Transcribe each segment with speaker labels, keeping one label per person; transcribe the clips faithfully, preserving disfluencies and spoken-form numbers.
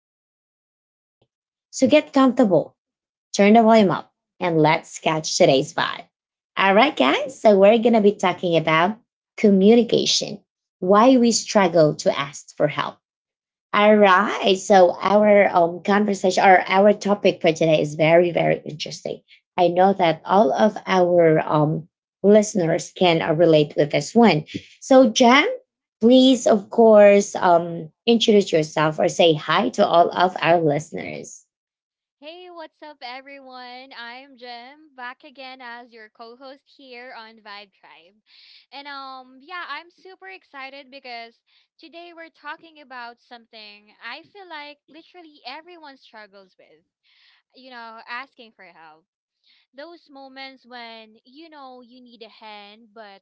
Speaker 1: keep things interesting. So get comfortable, turn the volume up, and let's catch today's vibe. All right, guys. So we're going to be talking about communication, why we struggle to ask for help. All right. So our um, conversation or our topic for today is very, very interesting. I know that all of our um, listeners can uh, relate with this one. So, Jam, please, of course, um, introduce yourself or say hi to all of our listeners.
Speaker 2: Hey, what's up, everyone? I'm Jem, back again as your co-host here on Vibe Tribe. And um, yeah, I'm super excited because today we're talking about something I feel like literally everyone struggles with. You know, asking for help. Those moments when you know you need a hand, but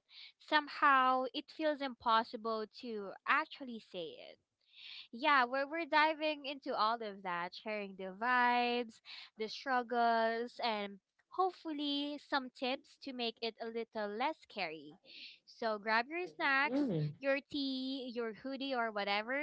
Speaker 2: somehow it feels impossible to actually say yeah, we're we're diving into all of that, sharing the vibes, the struggles, and hopefully some tips to make it a little less scary. So grab your snacks, your tea, your hoodie or whatever,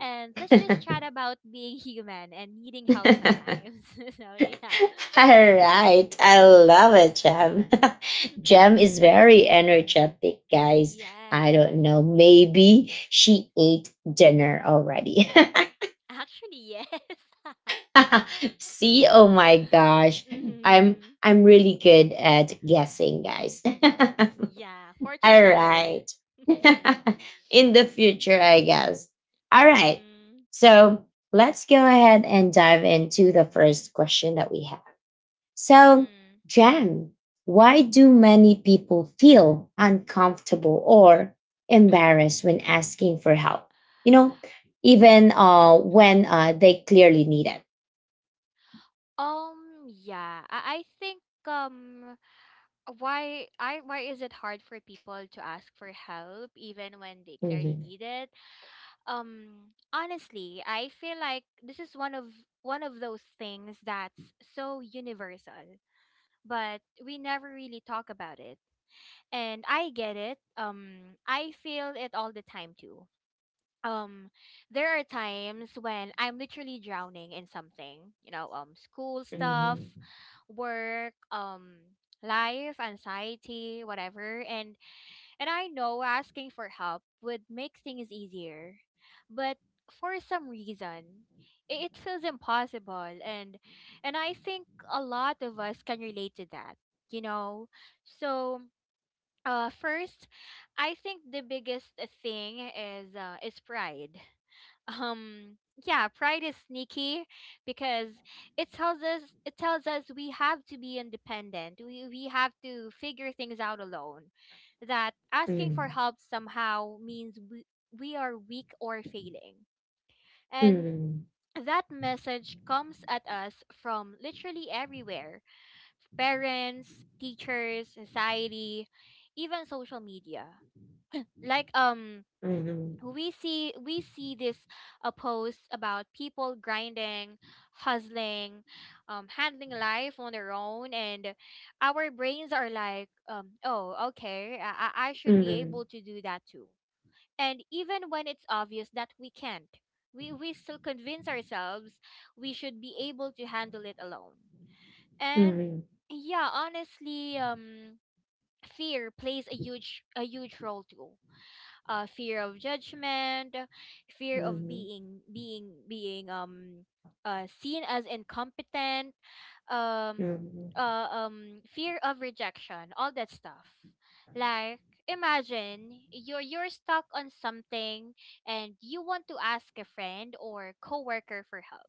Speaker 2: and let's just chat about being human and needing help sometimes. so yeah.
Speaker 1: All right. I love it, Jem. Jem is very
Speaker 2: hmm
Speaker 1: energetic, guys. I
Speaker 2: Yes.
Speaker 1: don't know. Maybe she ate dinner already.
Speaker 2: Actually, yes.
Speaker 1: See, oh my gosh. I'm
Speaker 2: Mhm.
Speaker 1: I'm really good at guessing, guys.
Speaker 2: Yeah, fortune
Speaker 1: All right.
Speaker 2: teller. mhm.
Speaker 1: In the future, I guess. All right.
Speaker 2: Mhm.
Speaker 1: So let's go ahead and dive into the first question that we have. So, Jan, why do many people feel uncomfortable
Speaker 2: Mm,
Speaker 1: or embarrassed when asking for help? You know, even uh, when uh, they clearly need it.
Speaker 2: Um, yeah. I, I think um why I why is it hard for people to ask for help even when they clearly
Speaker 1: Mhm.
Speaker 2: need it? Um, honestly, I feel like this is one of one of those things that's so universal, but we never really talk about it. And I get it. Um, I feel it all the time too. um there are times when I'm literally drowning in something, you know, um school stuff,
Speaker 1: Mhm.
Speaker 2: work, um life, anxiety, whatever, and and I know asking for help would make things easier, but for some reason, it, it feels impossible, and and I think a lot of us can relate to that, you know. So uh first, I think the biggest thing is uh, is pride. um yeah, pride is sneaky because it tells us it tells us we have to be independent, we we have to figure things out alone, that asking for help somehow means we, we are weak or failing. And
Speaker 1: Mhm.
Speaker 2: that message comes at us from literally everywhere: parents, teachers, society, even social media. Like, um
Speaker 1: Mhm.
Speaker 2: we see we see this uh, post about people grinding, hustling, um, handling life on their own. And our brains are like, um, oh, okay, I, I I should be
Speaker 1: Mhm.
Speaker 2: able to do that too. And even when it's obvious that we can't, we, we still convince ourselves we should be able to handle it alone. And
Speaker 1: Mhm.
Speaker 2: yeah, honestly, um fear plays a huge a huge role too. Uh, fear of judgment, fear
Speaker 1: Mhm.
Speaker 2: of
Speaker 1: Mhm.
Speaker 2: being being being um uh, seen as incompetent, um,
Speaker 1: Mhm.
Speaker 2: uh, um, fear of rejection, all that stuff. Like, imagine you're you're stuck on something and you want to ask a friend or coworker for help.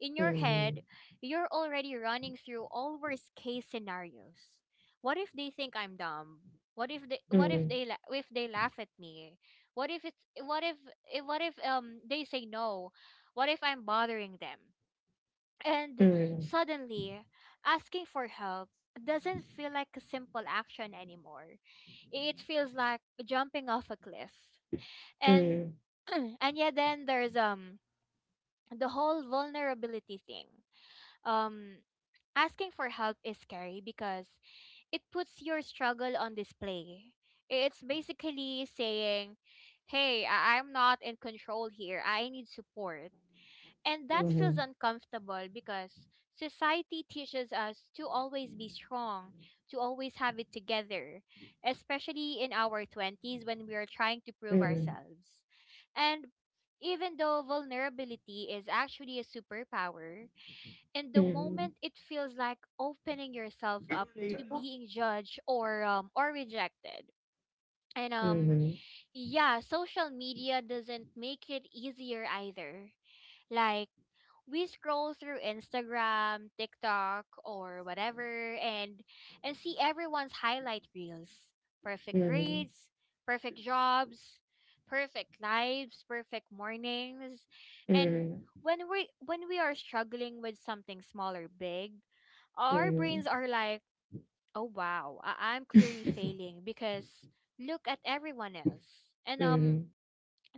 Speaker 2: In your head,
Speaker 1: Mhm.
Speaker 2: you're already running through all worst case scenarios. What if they think I'm dumb? What if they what if
Speaker 1: Mhm.
Speaker 2: they la- if they laugh at me? What if it's what if eh, what if um they say no? What if I'm bothering them? And
Speaker 1: Mhm.
Speaker 2: suddenly, asking for help doesn't feel like a simple action anymore. It feels like jumping off a cliff. And
Speaker 1: Mhm.
Speaker 2: and yeah, then there's um the whole vulnerability thing. Um Asking for help is scary because it puts your struggle on display. It's basically saying, hey, I- I'm not in control here. I need support. And that feels uncomfortable because society teaches us to always be strong, to always have it together, especially in our twenties when we are trying to prove
Speaker 1: Mhm.
Speaker 2: ourselves. And even though vulnerability is actually a superpower, and the moment
Speaker 1: Mhm.
Speaker 2: it feels like opening yourself up to being judged or um, or rejected. And um
Speaker 1: Mhm.
Speaker 2: yeah, social media doesn't make it easier either. Like, we scroll through Instagram, TikTok or whatever, and and see everyone's highlight reels: perfect
Speaker 1: Mhm.
Speaker 2: grades, perfect jobs, perfect lives, perfect mornings. And when we when we are struggling with something small or big,
Speaker 1: Mhm.
Speaker 2: our brains are
Speaker 1: Mhm.
Speaker 2: like, oh wow, I- I'm clearly failing because look at everyone else. And um
Speaker 1: Mhm.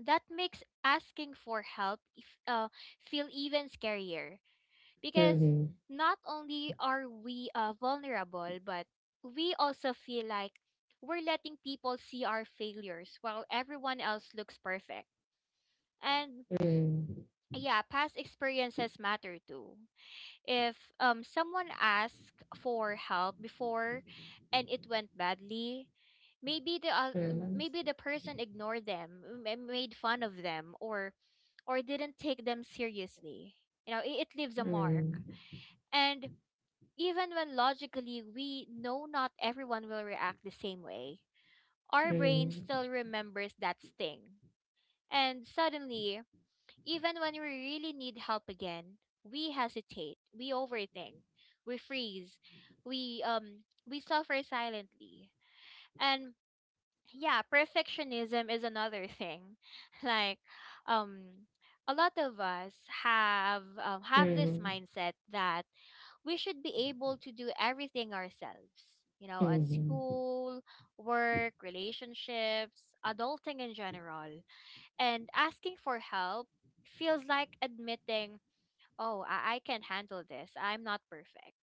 Speaker 2: that makes asking for help if, uh, feel even scarier because not only are we uh, vulnerable, but we also feel like we're letting people see our failures while everyone else looks perfect. And yeah, past experiences matter too. If um someone asked for help before and it went badly, maybe the uh, maybe the person ignored them, m- m- made fun of them, or or didn't take them seriously. You know, it, it leaves a mark. And even when logically we know not everyone will react the same way, our brain still remembers that sting. And suddenly, even when we really need help again, we hesitate, we overthink, we freeze, we um we suffer silently. And yeah, perfectionism is another thing. Like, um a lot of us have um,
Speaker 1: Mhm.
Speaker 2: have
Speaker 1: Mhm.
Speaker 2: this
Speaker 1: Mhm.
Speaker 2: mindset that we should be able to do everything ourselves. You know,
Speaker 1: Mhm.
Speaker 2: at
Speaker 1: Mhm. Mhm.
Speaker 2: school, work, relationships, adulting in general. And asking for help feels like admitting, oh, I, I can handle this. I'm not perfect.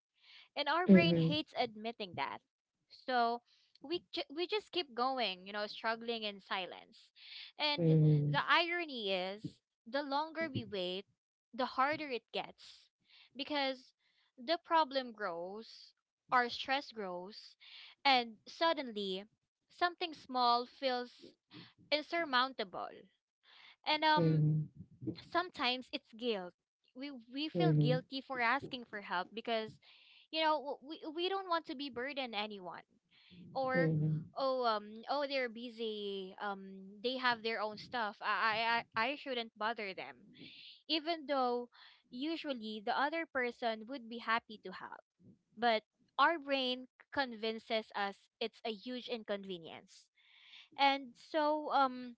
Speaker 2: And our
Speaker 1: Mhm. Mhm.
Speaker 2: brain
Speaker 1: Mhm. Mhm.
Speaker 2: hates admitting that. So we, ju- we just keep going, you know, struggling in silence. And the irony is, the longer we wait, the harder it gets. Because the problem grows, our stress grows, and suddenly something small feels insurmountable. And um sometimes it's guilt. We we feel guilty for asking for help because, you know, w- we we don't want to be burden anyone, or, oh, um oh, they're busy, um they have their own stuff, I I I I shouldn't bother them, even though usually the other person would be happy to help, but our brain convinces us it's a huge inconvenience. And so um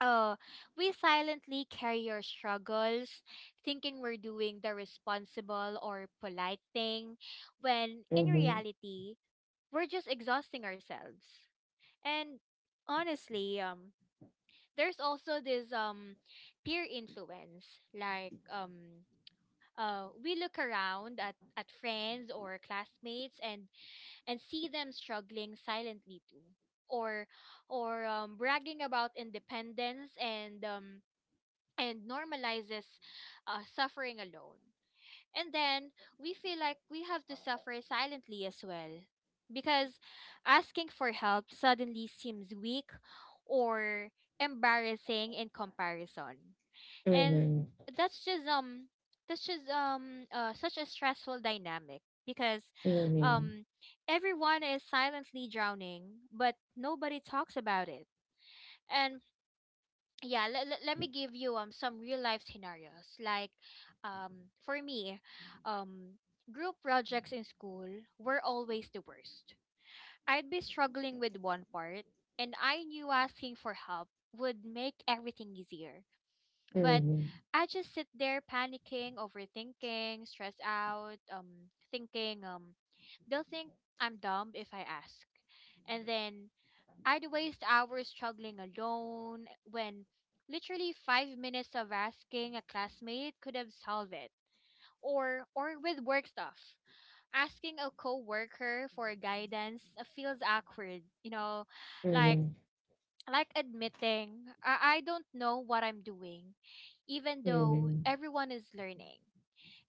Speaker 2: uh, we silently carry your struggles, thinking we're doing the responsible or polite thing, when in reality, we're just exhausting ourselves. And honestly, um, there's also this um peer influence. Like, um uh we look around at, at friends or classmates, and and see them struggling silently too. Or or um, bragging about independence, and um and normalizes uh, suffering alone. And then we feel like we have to suffer silently as well. Because asking for help suddenly seems weak or embarrassing in comparison. And that's just um that's just um uh, such a stressful dynamic because
Speaker 1: Mhm. Mhm. Mhm. Mhm. Mhm. Mhm. Mhm. Mhm. Mhm. Mhm.
Speaker 2: um everyone is silently drowning but nobody talks about it. And yeah, let, let, let me give you um some real life scenarios. Like, um for me, um group projects in school were always the worst. I'd be struggling with one part, and I knew asking for help would make everything easier, but I just sit there panicking, overthinking, stressed out, um thinking, um they'll think I'm dumb if I ask. And then I'd waste hours struggling alone when literally five minutes of asking a classmate could have solved it. Or, or with work stuff, asking a coworker for guidance uh, feels awkward. You know, like like admitting I, I don't know what I'm doing, even though everyone is learning.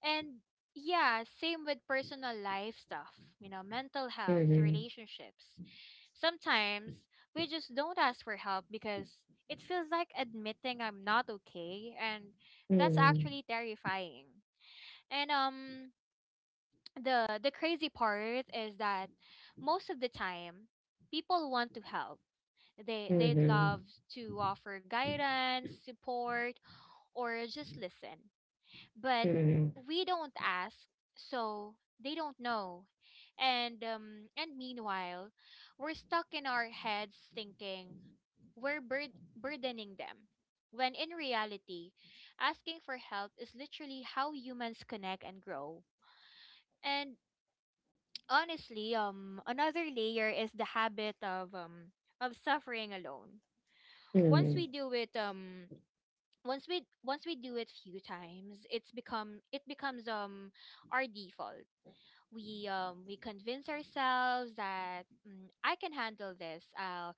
Speaker 2: And yeah, same with personal life stuff. You know, mental health, relationships. Sometimes we just don't ask for help because it feels like admitting I'm not okay, and that's actually terrifying. And um the the crazy part is that most of the time people want to help. They they'd love to offer guidance, support, or just listen. But
Speaker 1: Mhm. Mhm.
Speaker 2: we don't ask, so they don't know. And um and meanwhile, we're stuck in our heads thinking we're bur- burdening them. When in reality, asking for help is literally how humans connect and grow. And honestly, um, another layer is the habit of um of suffering alone.
Speaker 1: Mhm.
Speaker 2: Once we
Speaker 1: Mhm.
Speaker 2: do it, um, once we once we do it few times, it's become it becomes um our default. We um we convince ourselves that, mm, I can handle this. I'll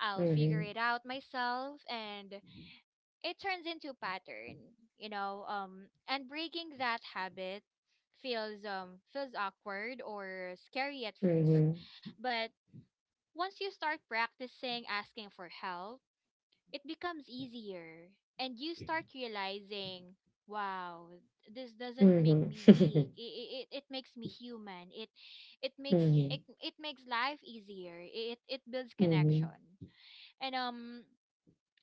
Speaker 2: I'll figure
Speaker 1: Mhm.
Speaker 2: it out myself. And it turns into pattern, you know. Um and breaking that habit feels um feels awkward or scary at first,
Speaker 1: Mhm.
Speaker 2: but once you start practicing asking for help, it becomes easier. And you start realizing, wow, this doesn't make
Speaker 1: Mhm.
Speaker 2: me weak, it, it, it makes me human, it it makes
Speaker 1: Mhm.
Speaker 2: it, it makes life easier, it it builds
Speaker 1: Mhm.
Speaker 2: connection. And um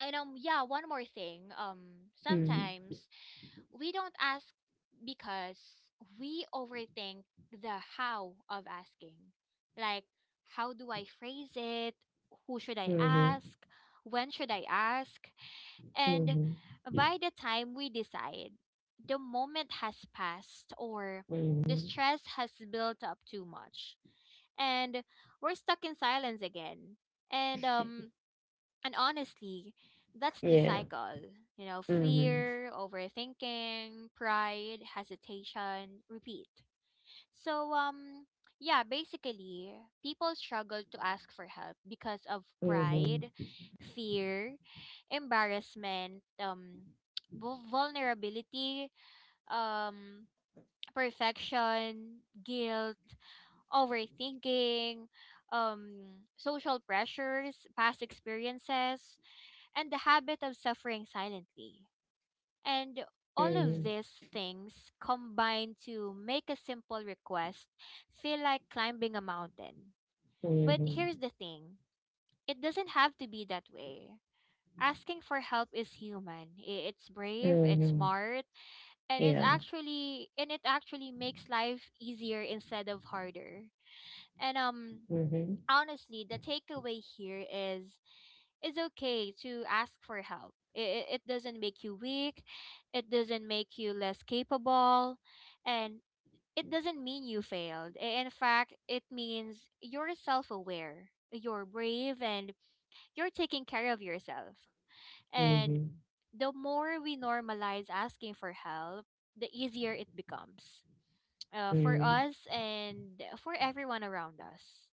Speaker 2: and um yeah, one more thing. Um
Speaker 1: Mhm.
Speaker 2: sometimes we don't ask because we overthink the how of asking. Like, how do I phrase it, who should I
Speaker 1: Mhm.
Speaker 2: ask, when should I ask. And
Speaker 1: Mhm.
Speaker 2: by the time we decide, the moment has passed, or the
Speaker 1: Mhm.
Speaker 2: stress has built up too much, and we're stuck in silence again. And um and honestly, that's the
Speaker 1: Yeah.
Speaker 2: cycle. You know,
Speaker 1: Mhm.
Speaker 2: fear, overthinking, pride, hesitation, repeat. So um yeah, basically, people struggle to ask for help because of
Speaker 1: Mhm.
Speaker 2: pride, fear, embarrassment, um vul- vulnerability, um perfection, guilt, overthinking, um social pressures, past experiences, and the habit of suffering silently. And all of
Speaker 1: Mhm.
Speaker 2: these things combine to make a simple request feel like climbing a mountain. But
Speaker 1: Mhm.
Speaker 2: here's the thing: it doesn't have to be that way. Asking for help is human. I- It's brave, it's
Speaker 1: Mhm.
Speaker 2: smart, and it's
Speaker 1: Yeah.
Speaker 2: actually and it actually makes life easier instead of harder. And um
Speaker 1: Mhm.
Speaker 2: honestly, the takeaway here is it's okay to ask for help. It, it doesn't make you weak. It doesn't make you less capable, and it doesn't mean you failed. I- In fact, it means you're self aware, you're brave, and you're taking care of yourself. And
Speaker 1: Mhm.
Speaker 2: the more we normalize asking for help, the easier it becomes uh, for
Speaker 1: Mhm.
Speaker 2: us and for everyone around us.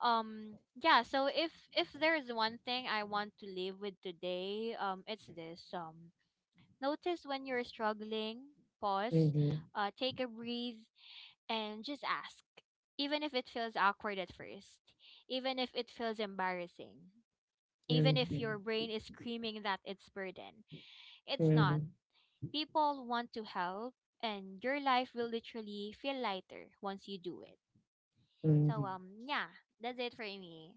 Speaker 2: um Yeah, so if if there's one thing I want to leave with today, um it's this. Um notice when you're struggling, pause,
Speaker 1: Mhm.
Speaker 2: uh take a breathe, and just ask. Even if it feels awkward at first, even if it feels embarrassing, even
Speaker 1: Mhm.
Speaker 2: if your
Speaker 1: Mhm.
Speaker 2: brain is screaming that it's burden. It's not.
Speaker 1: Mhm.
Speaker 2: People want to help, and your life will literally feel lighter once you do it. So,
Speaker 1: Mhm.
Speaker 2: um yeah, that's it for me.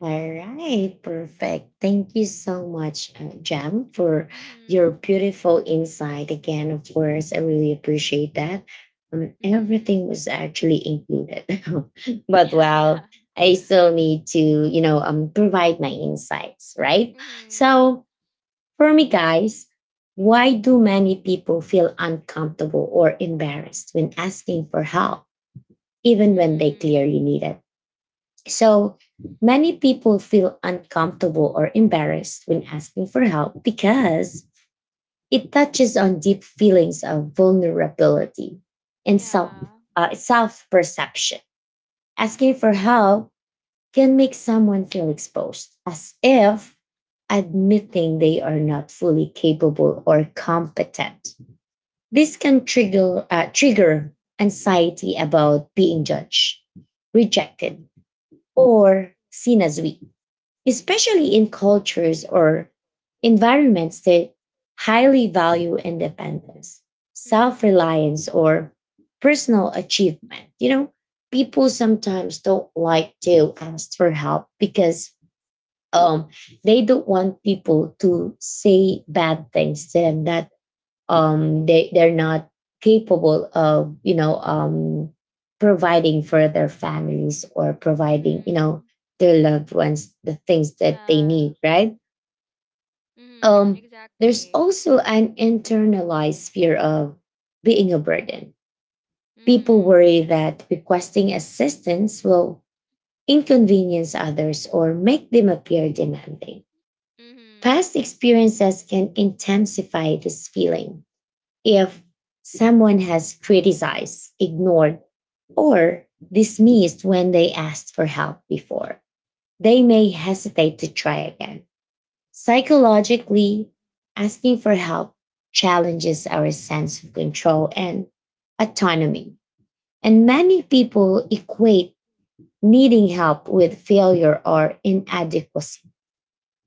Speaker 1: All right, perfect. Thank you so much, uh, Jam, for your
Speaker 2: Mhm.
Speaker 1: beautiful insight. Again, of course, I really appreciate that. Um,
Speaker 2: Mhm.
Speaker 1: everything was actually included, but
Speaker 2: Yeah.
Speaker 1: wow, I still need to, you know, um, provide my insights, right?
Speaker 2: Mhm. y-
Speaker 1: So, for me, guys, why do many people feel uncomfortable or embarrassed when asking for help, even when they
Speaker 2: Mhm.
Speaker 1: clearly need it? So many people feel uncomfortable or embarrassed when asking for help because it touches on deep feelings of vulnerability and self
Speaker 2: Yeah.
Speaker 1: uh, self perception. Asking for help can make someone feel exposed, as if admitting they are not fully capable or competent. This can trigger uh, trigger anxiety about being judged, rejected, or seen as weak, especially in cultures or environments that highly value independence, self
Speaker 2: Mhm.
Speaker 1: reliance, or personal achievement. You know, people sometimes don't like to ask for help because um, they don't want people to say bad things to them that um, they they're not capable of, you know, um, providing for their families or providing, you know,
Speaker 2: Mhm.
Speaker 1: their loved ones the things that they
Speaker 2: Yeah.
Speaker 1: need, right?
Speaker 2: Mhm.
Speaker 1: Um, there's
Speaker 2: Exactly.
Speaker 1: also an internalized fear of being a burden. People
Speaker 2: Mhm.
Speaker 1: worry that requesting assistance will inconvenience others or make them appear demanding. Past
Speaker 2: Mhm.
Speaker 1: experiences can intensify this feeling if someone has criticized, ignored, or dismissed when they asked for help before. They may hesitate to try again. Psychologically, asking for help challenges our sense of control and autonomy. And many people equate needing help with failure or inadequacy,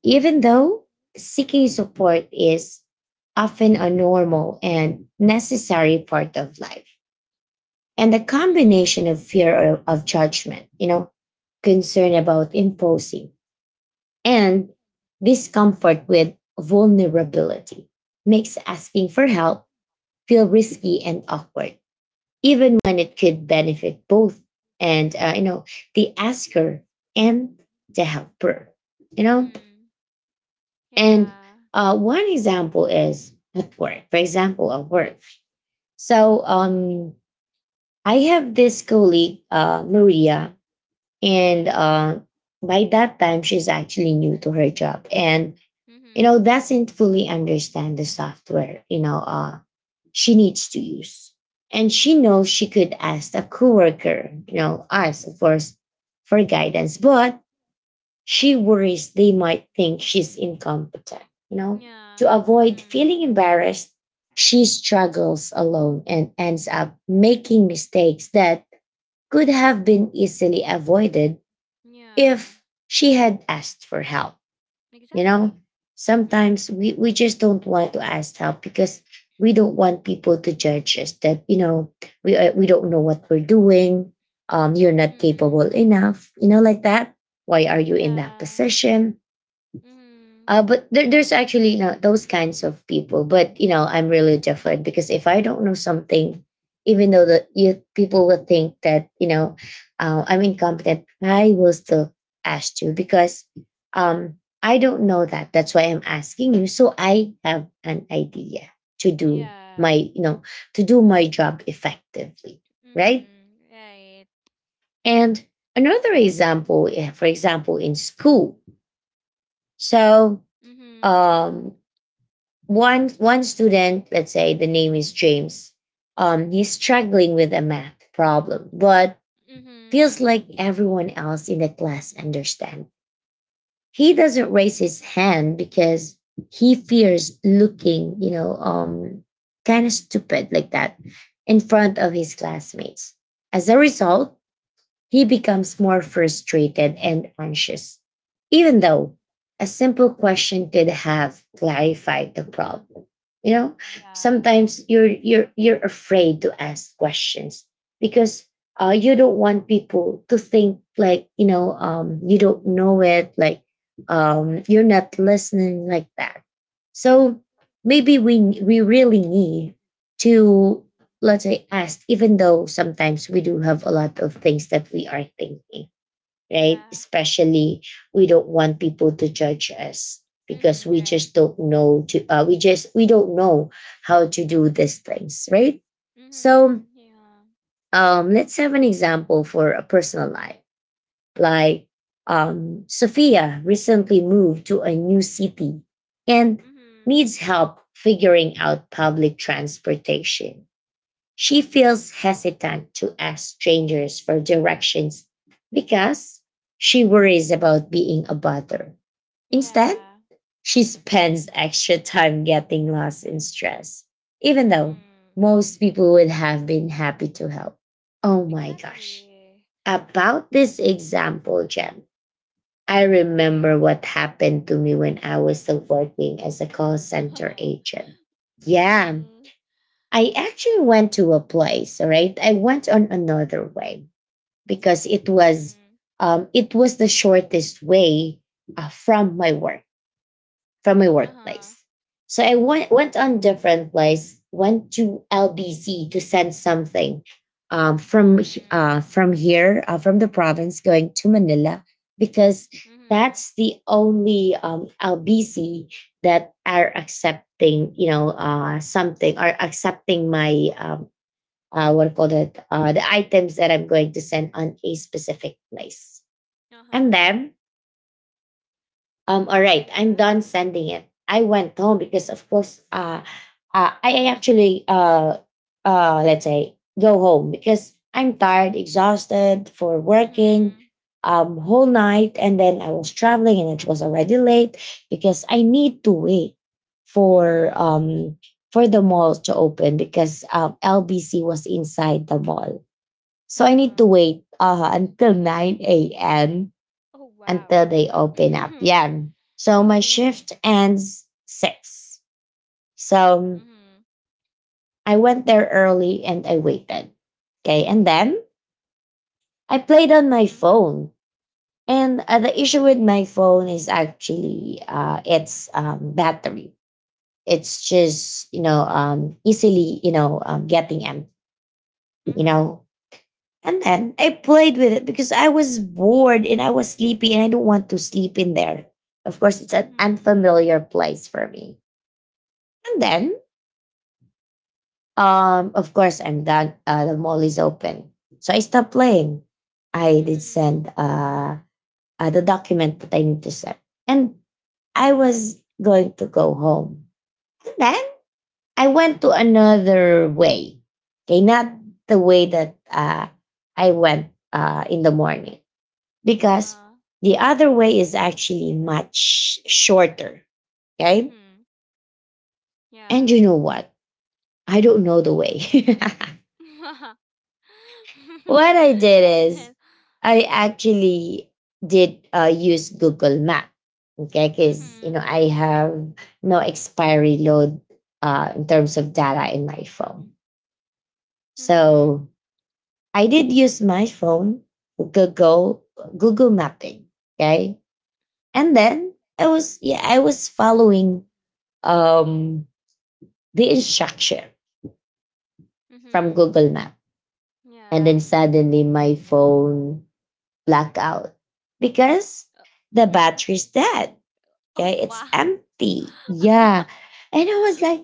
Speaker 1: even though seeking support is often a normal and necessary part of life. And the combination of
Speaker 2: Mhm.
Speaker 1: fear of, of judgment, you know, concern about imposing, and discomfort with vulnerability makes asking for help feel risky and awkward, even when it could benefit both, and uh, you know, the asker and the helper. You know,
Speaker 2: Mhm.
Speaker 1: and
Speaker 2: Yeah.
Speaker 1: uh, one example is at work. For example, at work. So um, I have this colleague, uh, Maria, and uh, by that time she's actually new to her job and, you know,
Speaker 2: Mhm.
Speaker 1: doesn't fully understand the software, you know, uh, she needs to use. And she knows she could ask a coworker, you know, us of course, for guidance, but she worries they might think she's incompetent, you know. To
Speaker 2: Yeah.
Speaker 1: avoid
Speaker 2: Mhm.
Speaker 1: feeling embarrassed, she struggles alone and ends up making mistakes that could have been easily avoided
Speaker 2: Yeah.
Speaker 1: if she had asked for help. You know,
Speaker 2: Exactly. Mhm.
Speaker 1: sometimes we, we just don't want to ask help because we don't want people to judge us that, you know, we, uh, we don't know what we're doing. Um, you're not capable
Speaker 2: Mhm.
Speaker 1: enough, you know, like that. Why are you in that
Speaker 2: Yeah.
Speaker 1: position?
Speaker 2: Mhm.
Speaker 1: Uh, but there, there's actually, you know, those kinds of people. But you know, I'm really different, because if I don't know something, even though the you, people will think that, you know, uh, I'm incompetent, I will still ask you because um, I don't know that. That's why I'm asking you. So I have an idea to do
Speaker 2: Yeah.
Speaker 1: my, you know, to do my job effectively, right?
Speaker 2: Mhm. Right.
Speaker 1: And another example, eh, for example, in school. So
Speaker 2: Mhm.
Speaker 1: um, one one student, let's say the name is James, um, he's struggling with a math problem but
Speaker 2: Mhm.
Speaker 1: feels like everyone else in the class understand. He doesn't
Speaker 2: Mm.
Speaker 1: raise his hand because he fears looking, you know, um, kind of stupid like that in front of his classmates. As a result, he becomes more frustrated and anxious, even though a simple question could have clarified the problem. You know,
Speaker 2: Uh-huh, yeah.
Speaker 1: sometimes you're you're you're afraid to ask questions because uh, you don't want people to think like, you know, um, you don't know it, like um, you're not listening like that. So maybe we we really need to, let's say, asked, even though sometimes we do have a lot of things that we are thinking, right?
Speaker 2: Yeah.
Speaker 1: Especially we don't want people to judge us because
Speaker 2: Mhm.
Speaker 1: we
Speaker 2: Right.
Speaker 1: just don't know to, uh, we just we don't know how to do these things, right? So
Speaker 2: Mm-hmm. Yeah.
Speaker 1: um, let's have an example for a personal life. Like um, Sophia recently moved to a new city and
Speaker 2: Mm-hmm.
Speaker 1: needs help figuring out public transportation. She feels hesitant to ask strangers for directions because she worries about being a bother. Instead,
Speaker 2: Yeah.
Speaker 1: she spends extra time getting lost in stress, even though
Speaker 2: Mm-hmm.
Speaker 1: most people would have been happy to help. Oh my gosh.
Speaker 2: Exactly.
Speaker 1: About this example, Jen, I remember what
Speaker 2: Mm-hmm.
Speaker 1: happened to me when I was still working as a call center agent. Yeah,
Speaker 2: Mm-hmm.
Speaker 1: I actually went to a place, all right? I went on another way because it was
Speaker 2: Mm-hmm.
Speaker 1: um, it was the shortest way uh, from my work, from my
Speaker 2: Uh-huh.
Speaker 1: workplace. So I went, went on different place, went to L B C to send something um, from
Speaker 2: Mm-hmm.
Speaker 1: uh, from here, uh, from the province, going to Manila because
Speaker 2: Mm-hmm.
Speaker 1: that's the only um, L B C that are accepting, you know, uh, something, are accepting my um, uh, what do you call it, uh, the items that I'm going to send on a specific place. And
Speaker 2: Uh-huh.
Speaker 1: then um, all right, I'm
Speaker 2: Yeah.
Speaker 1: done sending it. I went home because, of course, uh, uh, I I actually, uh, uh, let's say, go home because I'm tired, exhausted for working
Speaker 2: Mm-hmm.
Speaker 1: um, whole night. And then I was traveling and it was already late because I need to wait for
Speaker 2: Mm-hmm.
Speaker 1: um, for the mall to open because um, L B C was inside the mall. So I need to
Speaker 2: Uh-huh.
Speaker 1: wait uh, until nine a m
Speaker 2: Oh wow.
Speaker 1: until they open up.
Speaker 2: Mm-hmm.
Speaker 1: Yeah. So my shift ends six. So
Speaker 2: Mm-hmm.
Speaker 1: I went there early and I waited. Okay. And then I played on my
Speaker 2: Mm-hmm.
Speaker 1: phone. And uh, the issue with my phone is actually uh, its um, battery. It's just, you know, um, easily, you know, um, getting empty, you
Speaker 2: Mm-hmm.
Speaker 1: know. And then I played with it because I was bored and I was sleepy and I don't want to sleep in there. Of course, it's an
Speaker 2: Mm-hmm. Mm-hmm.
Speaker 1: unfamiliar place for me. And then, um, of course, I'm done. Uh, the mall is open. So I stopped playing. I did
Speaker 2: Mm-hmm.
Speaker 1: send uh, uh, the document that I need to send. And I was going to go home. And then I went to another way. Okay, not the way that uh, I went uh, in the morning. Because
Speaker 2: Uh-huh.
Speaker 1: the other way is actually much shorter. Okay.
Speaker 2: Mm-hmm.
Speaker 1: And
Speaker 2: Yeah.
Speaker 1: you know what? I don't know the way. What I did
Speaker 2: And
Speaker 1: is
Speaker 2: then.
Speaker 1: I actually did uh, use Google Map. Okay, because you
Speaker 2: Mm-hmm.
Speaker 1: know I have no expiry load uh, in terms of data in my phone,
Speaker 2: Mm-hmm.
Speaker 1: so I did use my phone Google Google Mapping. Okay, and then I was, yeah, I was following um the instruction from
Speaker 2: Mhm.
Speaker 1: Google Map, and
Speaker 2: Yeah.
Speaker 1: then suddenly my phone blackout because
Speaker 2: Uh,
Speaker 1: the
Speaker 2: mhm.
Speaker 1: battery's dead.
Speaker 2: Oh
Speaker 1: Okay, it's
Speaker 2: wow.
Speaker 1: empty. Yeah. And I was like,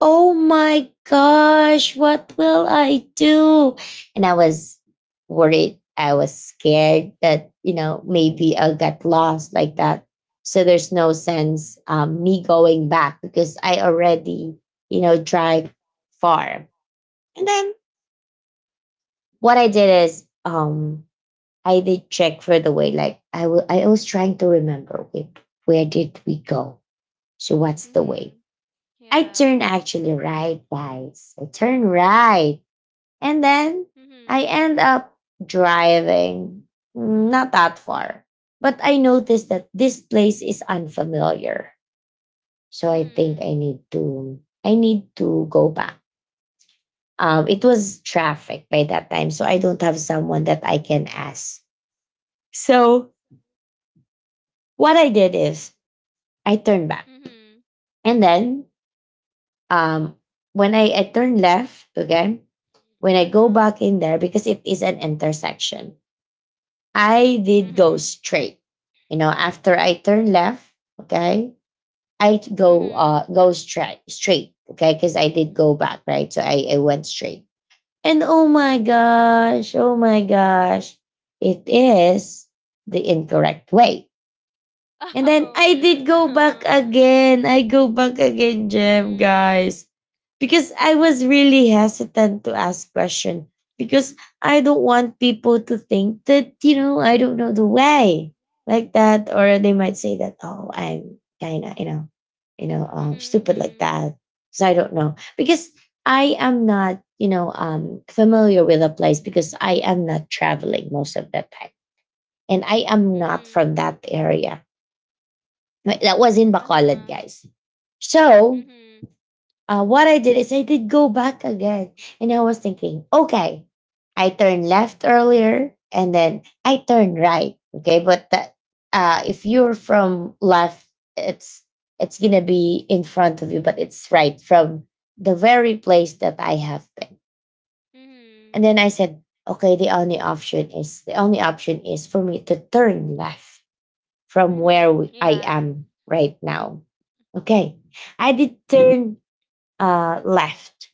Speaker 1: oh my gosh, what will I do? And I was worried. I was scared that, you know, maybe I'll get lost like that. So there's no sense um, me going back because I already, you know, drive far. And then what I did
Speaker 2: Mhm.
Speaker 1: is um, I did check for the way. Like I w- I was trying to remember where, where did we go? So what's the way?
Speaker 2: Mhm.
Speaker 1: I
Speaker 2: Yeah.
Speaker 1: turn actually right, guys. I turn right, and then I
Speaker 2: Mhm.
Speaker 1: end up driving mm, not that far. But I noticed that this place is unfamiliar, so I think
Speaker 2: Mhm.
Speaker 1: I need to I need to go back. Um, it was traffic by that time, so I don't have someone that I can ask. So what I did is I turn back.
Speaker 2: Mhm.
Speaker 1: And then um, when I, I turn left, okay, when I go
Speaker 2: Uh-huh.
Speaker 1: back in there, because it is an intersection, I did go
Speaker 2: Mhm.
Speaker 1: straight. You know, after I turn left, okay, I go
Speaker 2: Mhm.
Speaker 1: uh go straight straight, okay, because I did go back, right? So I, I went straight. And oh my gosh, oh my gosh, it is the incorrect way. And then
Speaker 2: Oh.
Speaker 1: I did go
Speaker 2: Uh-huh.
Speaker 1: back again. I go back again, Gem,
Speaker 2: Mhm.
Speaker 1: guys. Because I was really hesitant to ask question because I don't want people to think that, you know, I don't know the way like that. Or they might say that, oh, I'm kind of, you know, you know, um, stupid
Speaker 2: Mhm.
Speaker 1: like that. So I don't know. Because I am not, you know, um, familiar with a place because I am not traveling most of the time. And I
Speaker 2: Mhm.
Speaker 1: am not
Speaker 2: Mhm.
Speaker 1: from that area. Right? That was in Bacolod,
Speaker 2: Uh-huh.
Speaker 1: guys. So
Speaker 2: Mhm.
Speaker 1: uh, what I did is I did go back again, and I was thinking, okay, I turned left earlier, and then I turned right. Okay, but that uh, if you're from left, it's it's gonna be in front of you, but it's right from the very place that I have been.
Speaker 2: Mhm.
Speaker 1: And then I said, okay, the only option is the only option is for me to turn left from
Speaker 2: Mhm.
Speaker 1: where we- I
Speaker 2: Yeah.
Speaker 1: am right now. Okay. I did turn uh, left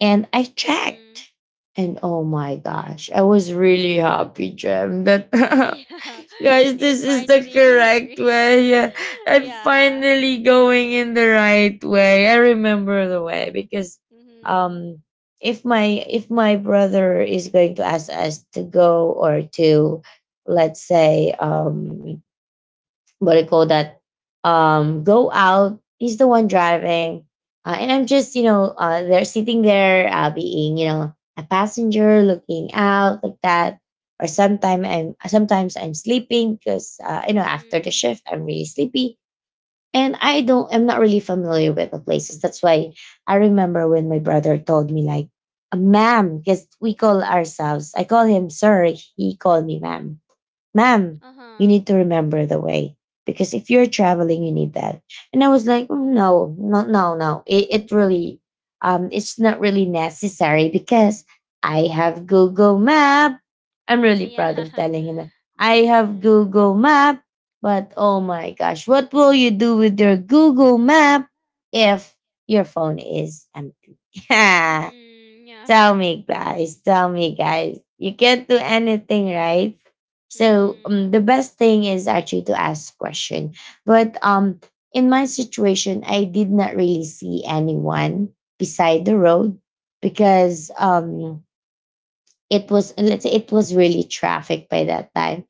Speaker 1: and I
Speaker 2: Mhm.
Speaker 1: checked. And oh my gosh, I was really happy, Jem, that
Speaker 2: Yeah.
Speaker 1: guys,
Speaker 2: You
Speaker 1: this is the
Speaker 2: finally
Speaker 1: correct
Speaker 2: reach.
Speaker 1: way. I'm
Speaker 2: Yeah.
Speaker 1: finally going in the right way. I remember the way because
Speaker 2: Mhm.
Speaker 1: um if my if my brother is going to ask us to go or to let's say um what do you call that, um go out, he's the one driving, uh, and I'm just you know uh they're sitting there uh being you know a passenger looking out like that. Or sometimes i'm sometimes I'm sleeping because uh, you know after the
Speaker 2: Mhm.
Speaker 1: shift I'm really sleepy. And i don't I'm not really familiar with the places, that's why I remember when my brother told me like, "Uh, ma'am, because we call ourselves, I call him sir, he called me ma'am. Ma'am, you
Speaker 2: Uh-huh.
Speaker 1: need to remember the way because if you're traveling, you need that." And I was like, "Mm, no, no, no, no. It, it really, um, it's not really necessary because I have Google Map." I'm really proud of
Speaker 2: Yeah.
Speaker 1: telling him that I have
Speaker 2: Mhm.
Speaker 1: Google Map. But oh my gosh, what will you do with your Google Map if your phone is empty?
Speaker 2: Mhm.
Speaker 1: Tell
Speaker 2: Yeah.
Speaker 1: me, guys. Tell me, guys. You can't do anything, right? So um,
Speaker 2: Mhm.
Speaker 1: the best thing is actually to ask question. But um, in my situation, I did not really see anyone beside the road because um, it was, let's say, it
Speaker 2: Mhm.
Speaker 1: was really traffic by that time,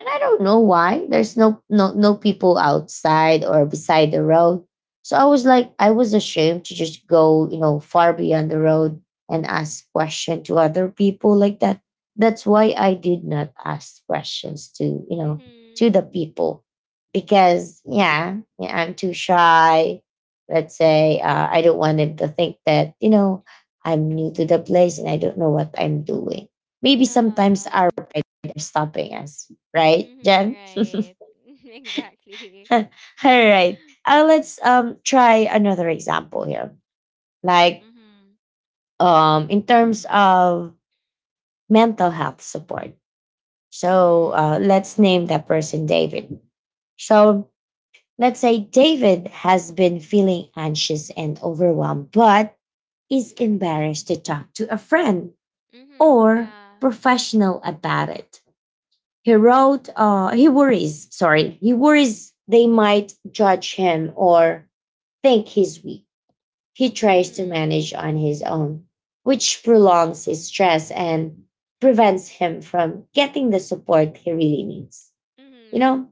Speaker 1: and I don't know why there's no no no people outside or beside the road. So I was like, I was ashamed to just go, you know, far beyond the road and ask question to other people like that. That's why I did not ask questions to, you know, to
Speaker 2: Mhm.
Speaker 1: the people. Because yeah, yeah I'm too shy. Let's say uh, I don't want them to think that, you know, I'm new to the place and I don't know what I'm doing. Maybe sometimes our
Speaker 2: Uh-huh.
Speaker 1: pride are stopping us, right,
Speaker 2: Mhm.
Speaker 1: Jen?
Speaker 2: Right. Exactly.
Speaker 1: All right. Uh, let's um try another example here. Like
Speaker 2: Mhm.
Speaker 1: um in terms of mental health support. So
Speaker 2: Mhm.
Speaker 1: uh, let's name that person David. So let's say David has been feeling anxious and overwhelmed, but is embarrassed to talk to a friend
Speaker 2: Mhm.
Speaker 1: or
Speaker 2: Yeah.
Speaker 1: professional about it. He wrote, uh, he worries, sorry, he worries they might judge him or think he's weak. He tries to
Speaker 2: Mhm.
Speaker 1: manage on his own, which prolongs his stress and prevents him from getting the support he really needs. You
Speaker 2: Mhm.
Speaker 1: know,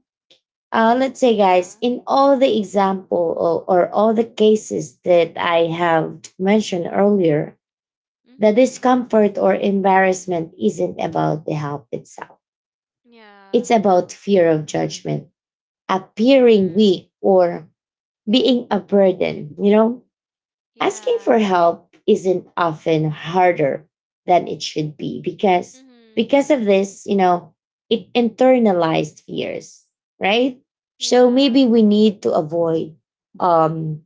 Speaker 1: uh, let's say, guys,
Speaker 2: Yeah.
Speaker 1: in all the example, or, or all the cases that I have mentioned earlier, the
Speaker 2: Mhm.
Speaker 1: discomfort or embarrassment isn't about the help itself.
Speaker 2: Yeah.
Speaker 1: It's about fear of judgment, appearing
Speaker 2: Mhm.
Speaker 1: weak or being a burden. You know, asking for
Speaker 2: Yeah.
Speaker 1: help isn't often harder than it should be because
Speaker 2: Mhm.
Speaker 1: because of this, you know, it internalized fears, right? So
Speaker 2: Yeah.
Speaker 1: maybe we need to avoid um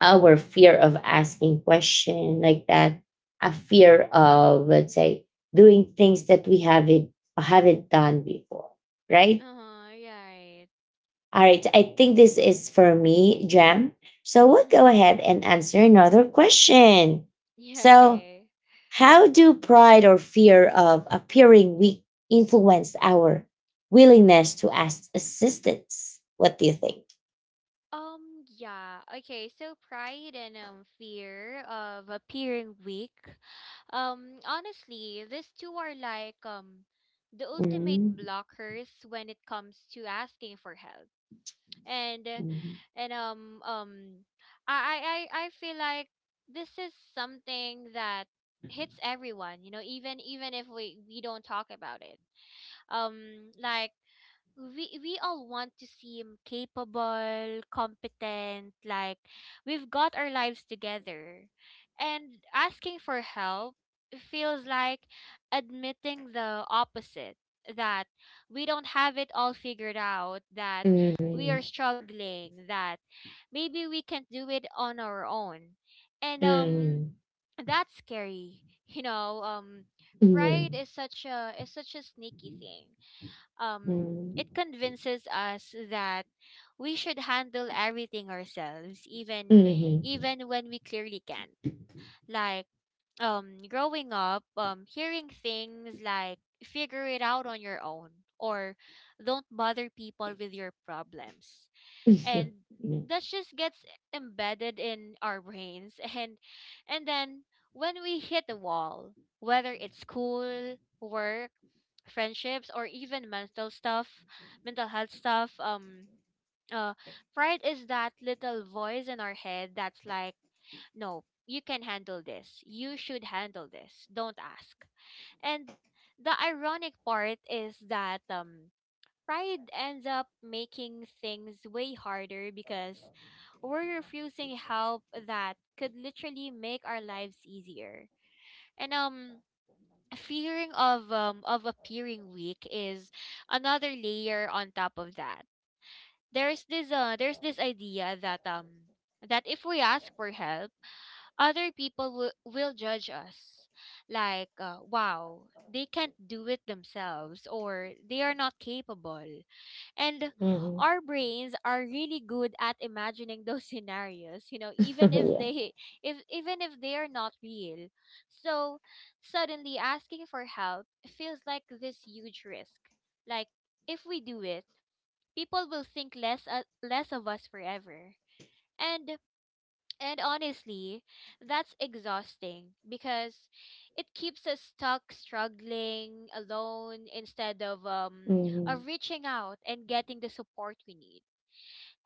Speaker 1: our fear of asking question like that, a fear of, let's say, doing things that we haven't haven't done before, right?
Speaker 2: Uh-huh. Yeah. Right.
Speaker 1: All right, I think this is for me, Jam. So we'll go
Speaker 2: Mhm.
Speaker 1: ahead and answer another question.
Speaker 2: Yeah,
Speaker 1: So,
Speaker 2: okay.
Speaker 1: how do pride or fear of appearing weak influence our willingness to ask assistance? What do you think?
Speaker 2: Um, yeah. Okay, so pride and um fear of appearing weak. Um, honestly, these two are like um the ultimate
Speaker 1: Mhm,
Speaker 2: blockers when it comes to asking for help. And uh,
Speaker 1: mhm,
Speaker 2: and um um I I I I feel like this is something that hits everyone, you know, even even if we we don't talk about it. Um like we we all want to seem capable, competent, like we've got our lives together. And asking for help feels like admitting the opposite, that we don't have it all figured out, that we are
Speaker 1: mhm,
Speaker 2: struggling, that maybe we can't do it on our own. And um
Speaker 1: mhm,
Speaker 2: that's scary. You know, um pride
Speaker 1: mhm,
Speaker 2: is such a is such a sneaky thing. Um, it convinces us that we should handle everything ourselves, even
Speaker 1: mhm, mhm,
Speaker 2: even when we clearly can't. Like, um, growing up, um, hearing things like "figure it out on your own," or "don't bother people with your problems."
Speaker 1: mhm,
Speaker 2: And
Speaker 1: mhm, yeah,
Speaker 2: that just gets embedded in our brains. and and then when we hit a wall, whether it's school work, friendships, or even mental stuff mental health stuff. um uh Pride is that little voice in our head that's like, "No, you can handle this. You should handle this. Don't ask." And the ironic part is that um pride ends up making things way harder because we're refusing help that could literally make our lives easier. And um fearing of um of appearing weak is another layer on top of that. There's this uh there's this idea that um that if we ask for help, other people will, will judge us. Like, uh, wow, they can't do it themselves, or they are not capable. And our brains are really good at imagining those scenarios, you know, even if they if even if they are not real. So suddenly asking for help feels like this huge risk. Like, if we do it, people will think less uh, less of us forever. And and honestly, that's exhausting because it keeps us stuck struggling alone instead of um
Speaker 1: mhm,
Speaker 2: of reaching out and getting the support we need.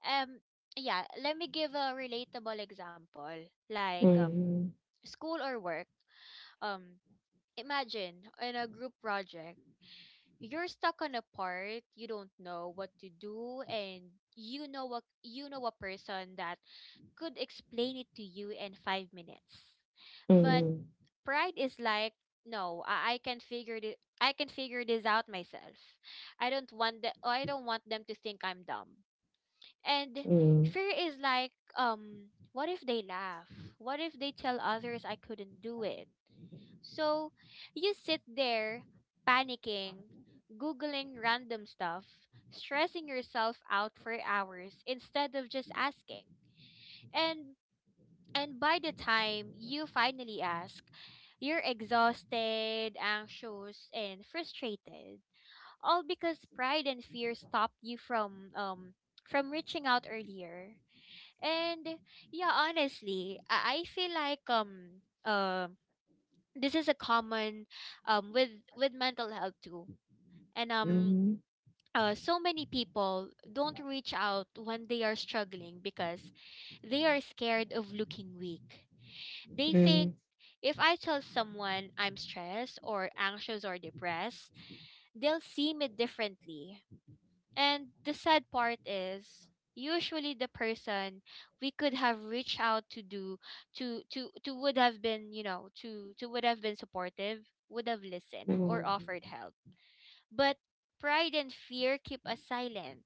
Speaker 2: Um, yeah, let me give a relatable example. Like, um
Speaker 1: mhm,
Speaker 2: school or work. Um Imagine in a group project, you're stuck on a part, you don't know what to do, and you know what you know a person that could explain it to you in five minutes. But
Speaker 1: mhm,
Speaker 2: pride is like, no, I, I can figure it I can figure this out myself. I don't want the, I don't want them to think I'm dumb. And
Speaker 1: mhm,
Speaker 2: fear is like, um, what if they laugh? What if they tell others I couldn't do it? So you sit there panicking, Googling random stuff, stressing yourself out for hours instead of just asking. And and by the time you finally ask, you're exhausted, anxious, and frustrated. All because pride and fear stopped you from um from reaching out earlier. And yeah, honestly, I, I feel like um uh, this is a common um with with mental health too. And um
Speaker 1: mhm,
Speaker 2: uh, so many people don't reach out when they are struggling because they are scared of looking weak. They think,
Speaker 1: mhm.
Speaker 2: if I tell someone I'm stressed or anxious or depressed, they'll see me differently. And the sad part is, usually the person we could have reached out to do to to to would have been, you know, to to would have been supportive, would have listened, or offered
Speaker 1: Mhm.
Speaker 2: help. But pride and fear keep us silent.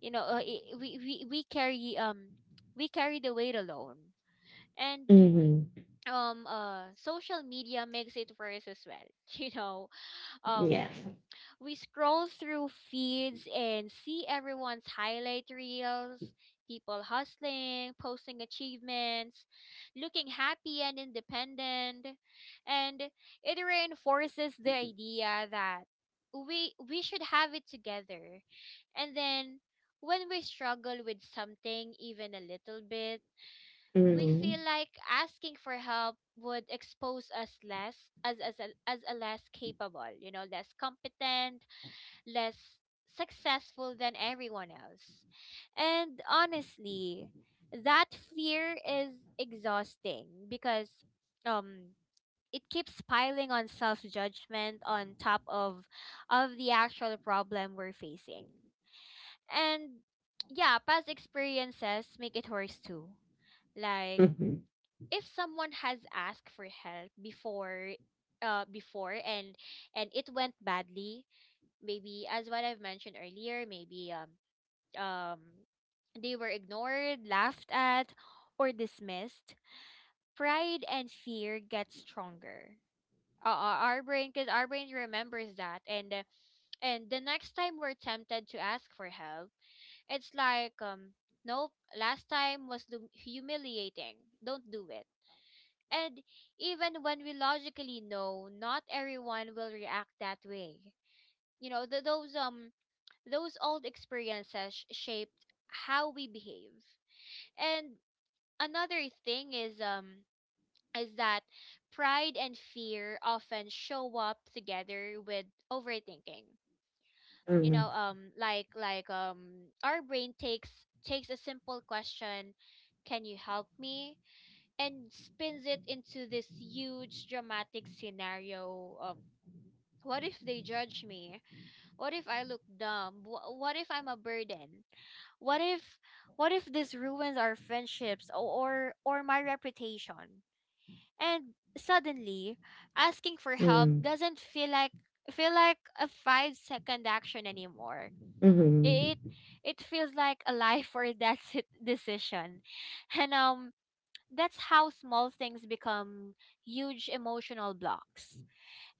Speaker 2: You know, uh, i- we we we carry um we carry the weight alone. And
Speaker 1: Mhm.
Speaker 2: um uh social media makes it worse as well. You know,
Speaker 1: Yeah.
Speaker 2: um we scroll through feeds and see everyone's highlight reels, people hustling, posting achievements, looking happy and independent. And it reinforces the idea that we we should have it together. And then when we struggle with something even a little bit, we feel
Speaker 1: Mhm.
Speaker 2: like asking for help would expose us less as as a, as a less capable, you know, less competent, less successful than everyone else. And honestly, that fear is exhausting because um it keeps piling on self-judgment on top of of the actual problem we're facing. And yeah, past experiences make it worse too. Like,
Speaker 1: Mhm.
Speaker 2: if someone has asked for help before uh before, and and it went badly, maybe as what I've mentioned earlier, maybe um um they were ignored, laughed at, or dismissed. Pride and fear get stronger. Uh, uh, our brain, because our brain remembers that, and uh, and the next time we're tempted to ask for help, it's like, um nope, last time was lu- humiliating. Don't do it. And even when we logically know, not everyone will react that way, you know, th- those um those old experiences shaped how we behave. And another thing is um is that pride and fear often show up together with overthinking. You know,
Speaker 1: Mhm.
Speaker 2: um like like um our brain takes takes a simple question, "Can you help me?" And spins it into this huge dramatic scenario. Um, what if they judge me? What if I look dumb? Wh- What if I'm a burden? What if what if this ruins our friendships, or or, or my reputation? And suddenly, asking for help
Speaker 1: Mhm.
Speaker 2: doesn't feel like feel like a five second action anymore. It
Speaker 1: Mhm.
Speaker 2: it feels like a life or death sit- decision. And um that's how small things become huge emotional blocks.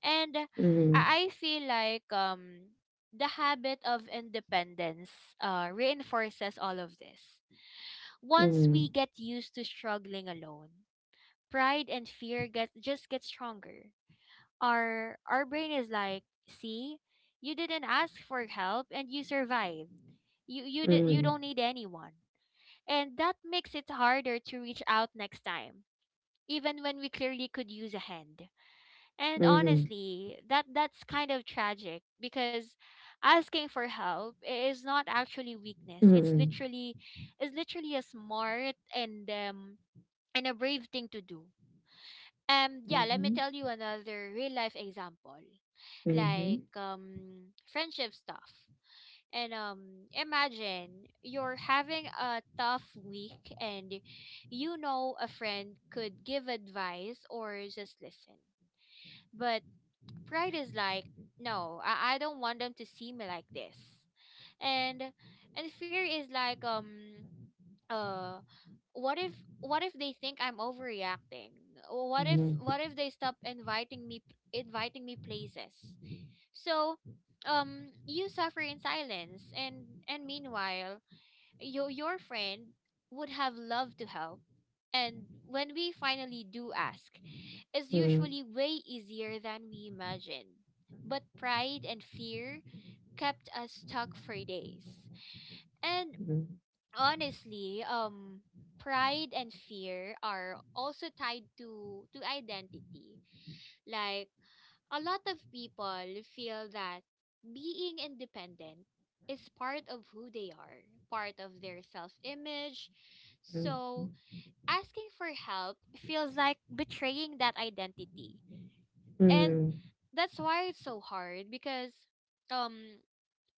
Speaker 2: And I
Speaker 1: Mhm.
Speaker 2: I feel like um the habit of independence uh, reinforces all of this. Once we get used to struggling alone, pride and fear get just get stronger. Our our brain is like, "See, you didn't ask for help and you survived. You you di- you
Speaker 1: Mhm.
Speaker 2: don't need anyone." And that makes it harder to reach out next time, even when we clearly could use a hand. And
Speaker 1: Mhm.
Speaker 2: honestly, that that's kind of tragic because asking for help i- is not actually weakness.
Speaker 1: Mhm. Mhm.
Speaker 2: It's
Speaker 1: Mhm.
Speaker 2: literally is literally a smart and um and a brave thing to do. Um, yeah, let me tell you another real life example, like, um, friendship stuff. And um, imagine you're having a tough week, and you know a friend could give advice or just listen. But pride is like, no, I, I don't want them to see me like this, and and fear is like, um uh what if what if they think I'm overreacting? What if what if they stop inviting me inviting me places? So, um you suffer in silence, and and meanwhile your your friend would have loved to help. And when we finally do ask, it's usually way easier than we imagined, but pride and fear kept us stuck for days. And honestly, um, pride and fear are also tied to to identity. Like, a lot of people feel that being independent is part of who they are, part of their self-image. So, asking for help feels like betraying that identity.
Speaker 1: Mhm. Mhm.
Speaker 2: And
Speaker 1: Mhm. Mhm.
Speaker 2: that's why it's so hard, because um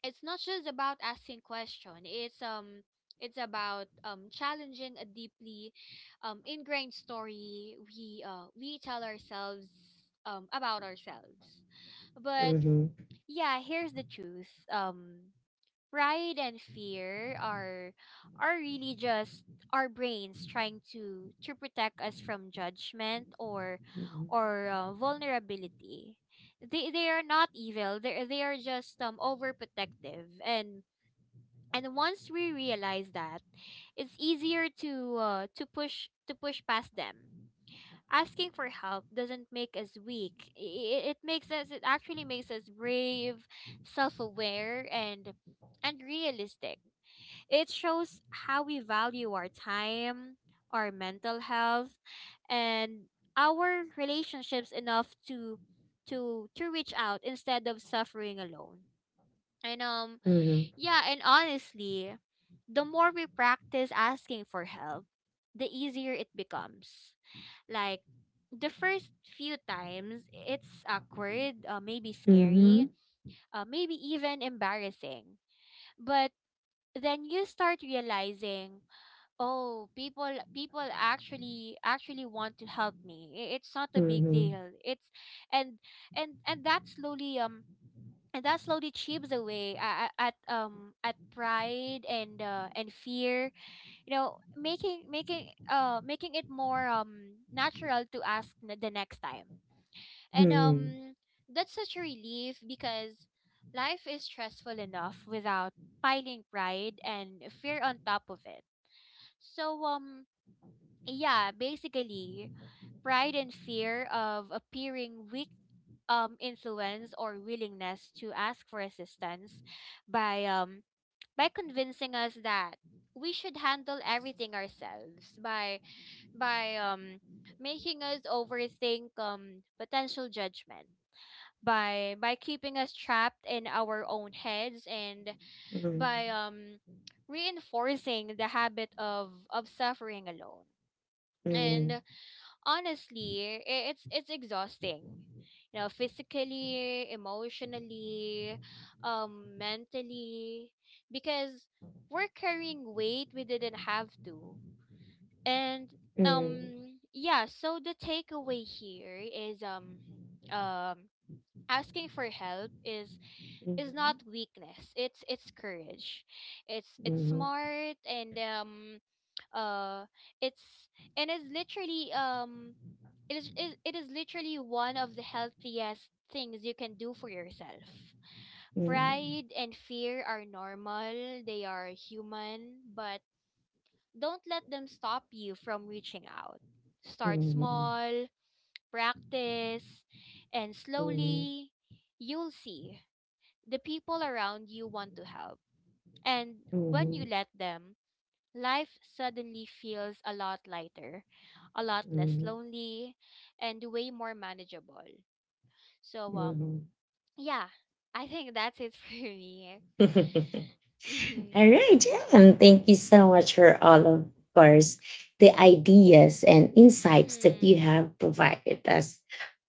Speaker 2: it's not just about asking question, it's um it's about um challenging a deeply um ingrained story we uh we tell ourselves um about ourselves. But
Speaker 1: Mhm.
Speaker 2: yeah, here's the truth. Um pride and fear are are really just our brains trying to to protect us from judgment, or or uh, vulnerability. They they are not evil, they they are just um overprotective. And and once we realize that, it's easier to uh, to push to push past them. Asking for help doesn't make us weak, it, it makes us it actually makes us brave, self-aware, and and realistic. It shows how we value our time, our mental health, and our relationships enough to to to reach out instead of suffering alone. And um
Speaker 1: Mhm. Mhm.
Speaker 2: yeah, and honestly, the more we practice asking for help, the easier it becomes. Like, the first few times, it's awkward, uh, maybe scary,
Speaker 1: Mhm.
Speaker 2: uh, maybe even embarrassing. But then you start realizing, oh, people, people actually actually want to help me. I- It's not a big
Speaker 1: Mhm.
Speaker 2: deal. It's, and and and that slowly um and that slowly chips away at, at um at pride and uh, and fear, you know making making uh making it more um natural to ask n- the next time. And
Speaker 1: Mhm.
Speaker 2: um That's such a relief, because life is stressful enough without piling pride and fear on top of it. So um yeah, basically, pride and fear of appearing weak um influence or willingness to ask for assistance by, um by convincing us that we should handle everything ourselves, by by um making us overthink um potential judgment, by by keeping us trapped in our own heads, and by um reinforcing the habit of of suffering alone. And honestly, i- it's it's exhausting, you know, physically, emotionally, um mentally, because we're carrying weight we didn't have to. And um Yeah, so the takeaway here is, um um asking for help is is not weakness, it's it's courage, it's
Speaker 1: Mhm. Mhm. Mhm.
Speaker 2: it's
Speaker 1: Mhm. Mhm.
Speaker 2: smart, and um uh it's and it's literally um it is it, it is literally one of the healthiest things you can do for yourself. Pride and fear are normal, they are human, but don't let them stop you from reaching out. Start small, practice, and slowly you'll see the people around you want to help. And when you let them, life suddenly feels a lot lighter, a lot less lonely, and way more manageable. So
Speaker 1: Mhm. Mhm.
Speaker 2: um
Speaker 1: Mhm.
Speaker 2: yeah, I think that's it for me.
Speaker 1: Mhm.
Speaker 2: Mhm.
Speaker 1: All right, yeah, and thank you so much for all of course the ideas and insights that you
Speaker 2: Mhm.
Speaker 1: have provided us.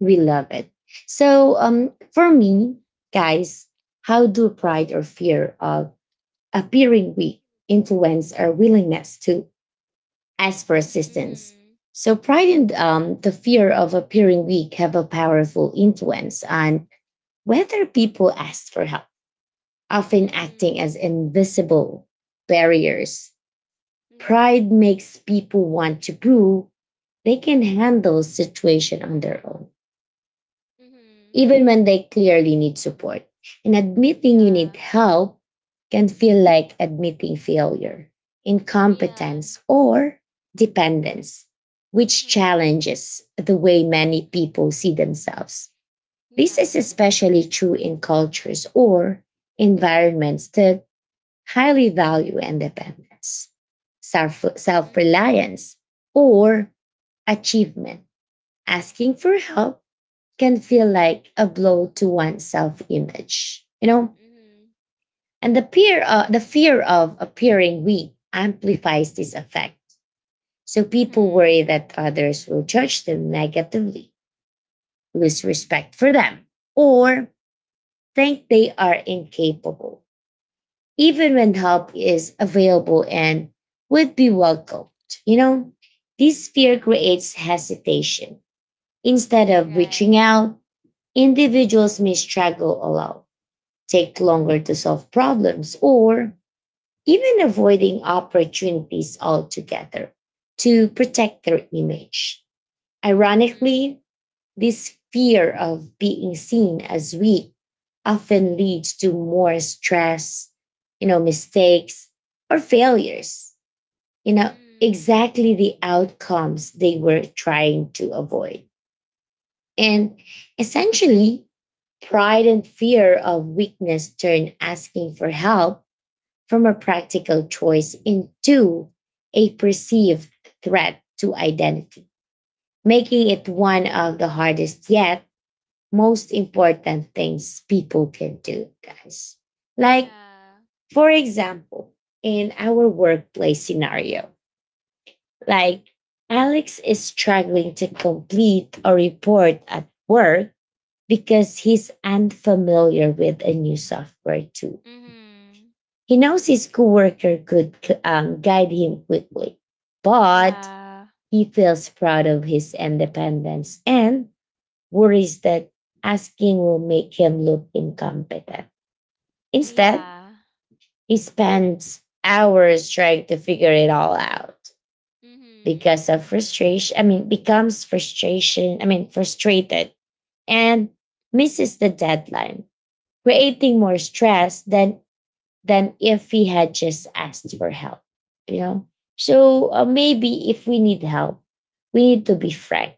Speaker 1: We love it. So, um, for me, guys, how do pride or fear of appearing weak influence our willingness to ask for assistance?
Speaker 2: Mhm.
Speaker 1: So, pride and um, the fear of appearing weak have a powerful influence on whether people ask for help, often
Speaker 2: Mhm.
Speaker 1: acting as invisible barriers.
Speaker 2: Mhm.
Speaker 1: Pride makes people want to prove they can handle situation on their own,
Speaker 2: Mhm.
Speaker 1: even when they clearly need support. And admitting you
Speaker 2: Yeah.
Speaker 1: need help can feel like admitting failure,
Speaker 2: Yeah.
Speaker 1: incompetence, or dependence, which
Speaker 2: Mhm.
Speaker 1: challenges the way many people see themselves. This is
Speaker 2: Yeah.
Speaker 1: especially true in cultures or environments that highly value independence, self self
Speaker 2: Mhm.
Speaker 1: reliance, or achievement. Asking for help can feel like a blow to one's self image, you know?
Speaker 2: Mhm.
Speaker 1: And the fear, uh, the fear of appearing weak amplifies this effect. So people
Speaker 2: Mhm.
Speaker 1: worry that others will judge them negatively, lose respect for them, or think they are incapable even when help is available and would be welcomed. You know, this fear creates hesitation. Instead
Speaker 2: Mhm.
Speaker 1: of reaching
Speaker 2: Right.
Speaker 1: out, individuals may struggle alone, take longer to solve problems, or even avoiding opportunities altogether to protect their image.
Speaker 2: Mhm.
Speaker 1: Ironically, this fear of being seen as weak often leads to more stress, you know, mistakes or failures, you know,
Speaker 2: Mhm.
Speaker 1: exactly the outcomes they were trying to avoid. And essentially, pride and fear of weakness turn asking for help from a practical choice into a perceived threat to identity, making it
Speaker 2: Mhm.
Speaker 1: one of the hardest yet most important things people can do, guys. Like,
Speaker 2: Yeah.
Speaker 1: for example, in our workplace scenario, like Alex is struggling to complete a report at work because he's unfamiliar with a new software tool.
Speaker 2: Mhm.
Speaker 1: He knows his coworker could um, guide him quickly, but
Speaker 2: Yeah.
Speaker 1: he feels proud of his independence and worries that asking will make him look incompetent. Instead,
Speaker 2: Yeah.
Speaker 1: he spends hours trying to figure it all out because of
Speaker 2: Mhm.
Speaker 1: frustration. I mean, becomes frustration. I mean, frustrated and misses the deadline, creating more stress than than if he had just asked for help. You know, so uh, maybe if we need help, we need to be frank.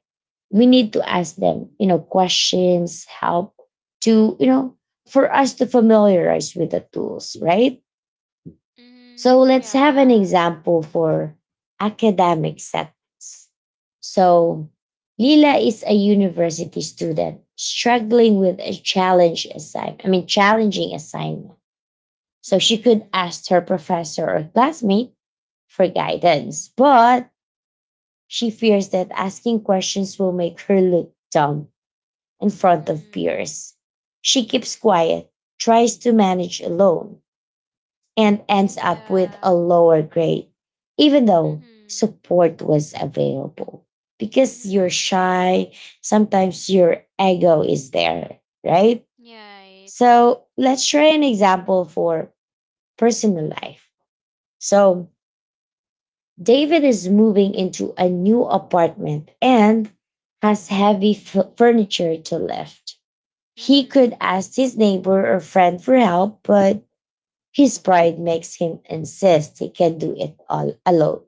Speaker 1: We need to ask them, you know, questions, help to, you know, for us to familiarize with the tools, right?
Speaker 2: Mhm.
Speaker 1: So let's have an
Speaker 2: Yeah.
Speaker 1: example for academic settings. So Lila is a university student struggling with a challenge assign I mean challenging assignment. So she could
Speaker 2: Mhm.
Speaker 1: ask her professor or classmate for guidance, but she fears that asking questions will make her look dumb in front of
Speaker 2: Mhm.
Speaker 1: peers. She keeps quiet, tries to manage alone, and ends up with a
Speaker 2: Yeah.
Speaker 1: lower grade, even though
Speaker 2: Mhm.
Speaker 1: support was available. Because you're
Speaker 2: Mhm.
Speaker 1: shy, sometimes your ego is there, right?
Speaker 2: Yeah. Right.
Speaker 1: So let's try an example for personal life. So David is moving into a new apartment and has heavy f- furniture to lift. He could
Speaker 2: Mhm.
Speaker 1: ask his neighbor or friend for help, but his pride makes him insist he can do it all alone.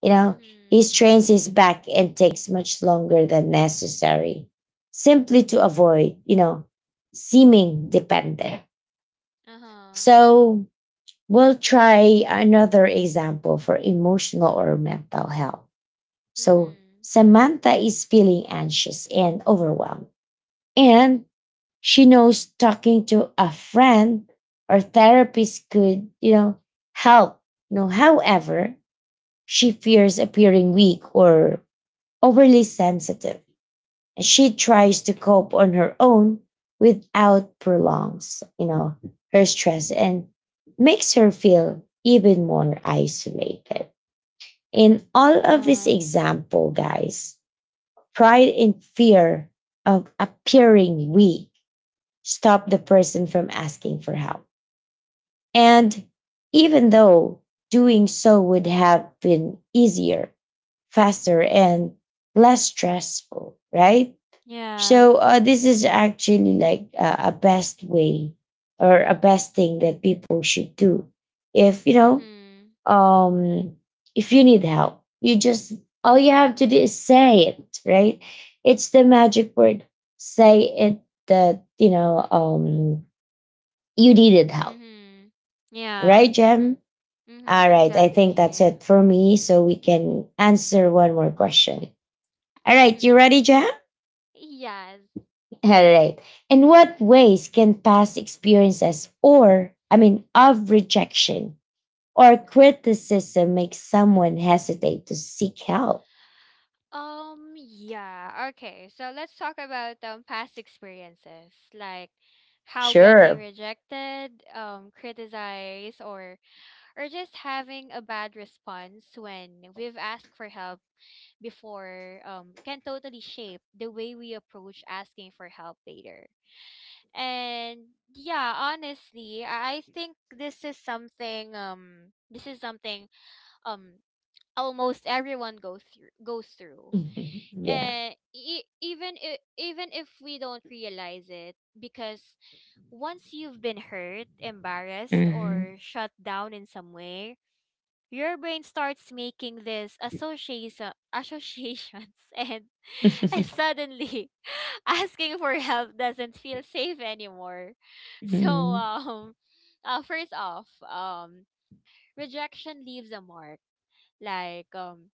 Speaker 1: You know, he
Speaker 2: Mhm.
Speaker 1: strains his back and takes much longer than necessary simply to avoid, you know, seeming dependent.
Speaker 2: Uh huh.
Speaker 1: So we'll try another example for emotional or mental health. So
Speaker 2: Mhm.
Speaker 1: Samantha is feeling anxious and overwhelmed. And she knows talking to a friend or therapist could, you know, help. You know, however, she fears appearing weak or overly sensitive. And she tries to cope on her own without prolongs, you know, her stress and makes her feel even more isolated. In all
Speaker 2: Uh
Speaker 1: of this
Speaker 2: huh.
Speaker 1: example, guys, pride and fear of appearing weak stop the person from asking for help. And even though doing so would have been easier, faster, and less stressful, right? So uh, this is actually like uh, a best way or a best thing that people should do. If you know,
Speaker 2: Mhm.
Speaker 1: um, if you need help, you just all you have to do is say it, right? It's the magic word. Say it that you know um you needed help,
Speaker 2: Mhm. Yeah.
Speaker 1: right, Jem? All
Speaker 2: Mhm.
Speaker 1: right, I think that's
Speaker 2: Exactly.
Speaker 1: it for me. So we can answer one more question. All right, you
Speaker 2: Mhm.
Speaker 1: ready, Jem?
Speaker 2: Yes.
Speaker 1: All right. In what ways can past experiences or, I mean, of rejection or criticism make someone hesitate to seek help?
Speaker 2: Um. Yeah. Okay. So let's talk about um past experiences, like how getting
Speaker 1: Sure.
Speaker 2: rejected, um, criticized, or or just having a bad response when we've asked for help before, um, can totally shape the way we approach asking for help later. And yeah, honestly, I I think this is something, um this is something um almost everyone goes through goes through.
Speaker 1: Mhm. Yeah.
Speaker 2: And e- even if, even if we don't realize it, because once you've been hurt, embarrassed,
Speaker 1: Mhm.
Speaker 2: or shut down in some way, your brain starts making these association associations and and suddenly asking for help doesn't feel safe anymore. so
Speaker 1: Mhm.
Speaker 2: um uh, First off, um rejection leaves a mark. Like, um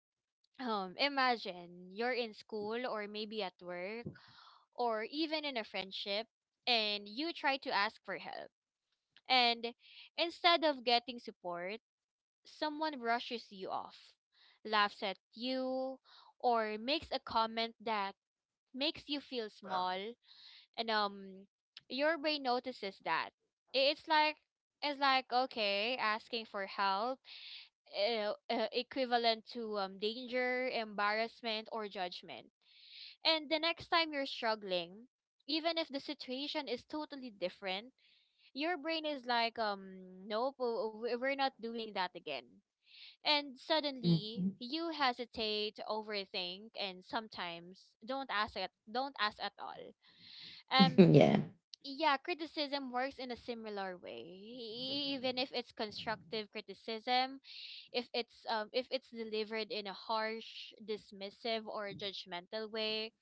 Speaker 2: um imagine you're in school, or maybe at work, or even in a friendship, and you try to ask for help, and instead of getting support, someone rushes you off, laughs at you, or makes a comment that makes you feel small. And um, your brain notices that. I- It's like, it's like okay, asking for help uh, uh, equivalent to um, danger, embarrassment, or judgment. And the next time you're struggling, even if the situation is totally different, your brain is like, um nope, w- w- we're not doing that again. And suddenly, you hesitate, overthink, and sometimes don't ask at don't ask at all. Um,
Speaker 1: Yeah.
Speaker 2: yeah, criticism works in a similar way. E- Even if it's constructive criticism, if it's, um if it's delivered in a harsh, dismissive, or judgmental way,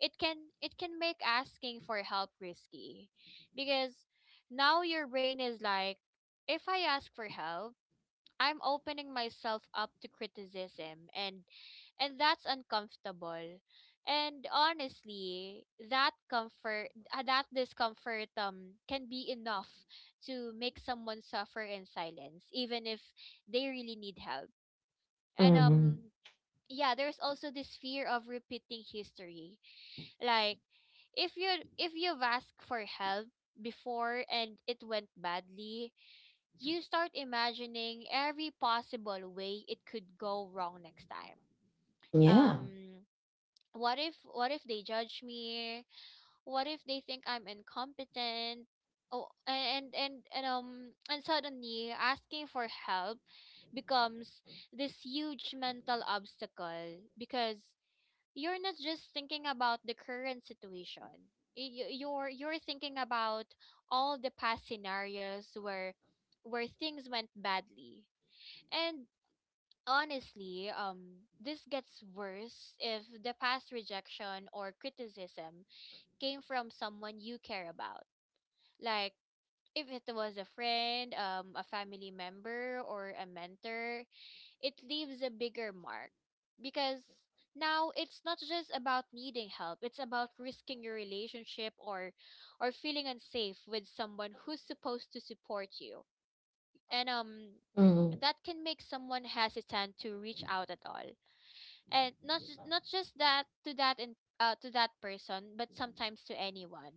Speaker 2: it can it can make asking for help risky, because now your brain is like, if I ask for help, I'm opening myself up to criticism, and and that's uncomfortable. And honestly, that comfort uh, that discomfort um can be enough to make someone suffer in silence, even if they really need help. And
Speaker 1: Mhm.
Speaker 2: um yeah, there's also this fear of repeating history. Like, if you if you've asked for help before and it went badly, you start imagining every possible way it could go wrong next time.
Speaker 1: Yeah.
Speaker 2: Um, what if, what if they judge me? What if they think I'm incompetent? Oh, and and and um and suddenly asking for help becomes this huge mental obstacle, because you're not just thinking about the current situation. Y- y- You're you're thinking about all the past scenarios where where things went badly. And honestly, um this gets worse if the past rejection or criticism came from someone you care about. Like, if it was a friend, um a family member, or a mentor, it leaves a bigger mark, because now it's not just about needing help, it's about risking your relationship, or or feeling unsafe with someone who's supposed to support you. And um
Speaker 1: Mhm.
Speaker 2: That can make someone hesitant to reach out at all, and not just, not just that to that in, uh, to that person, but sometimes to anyone.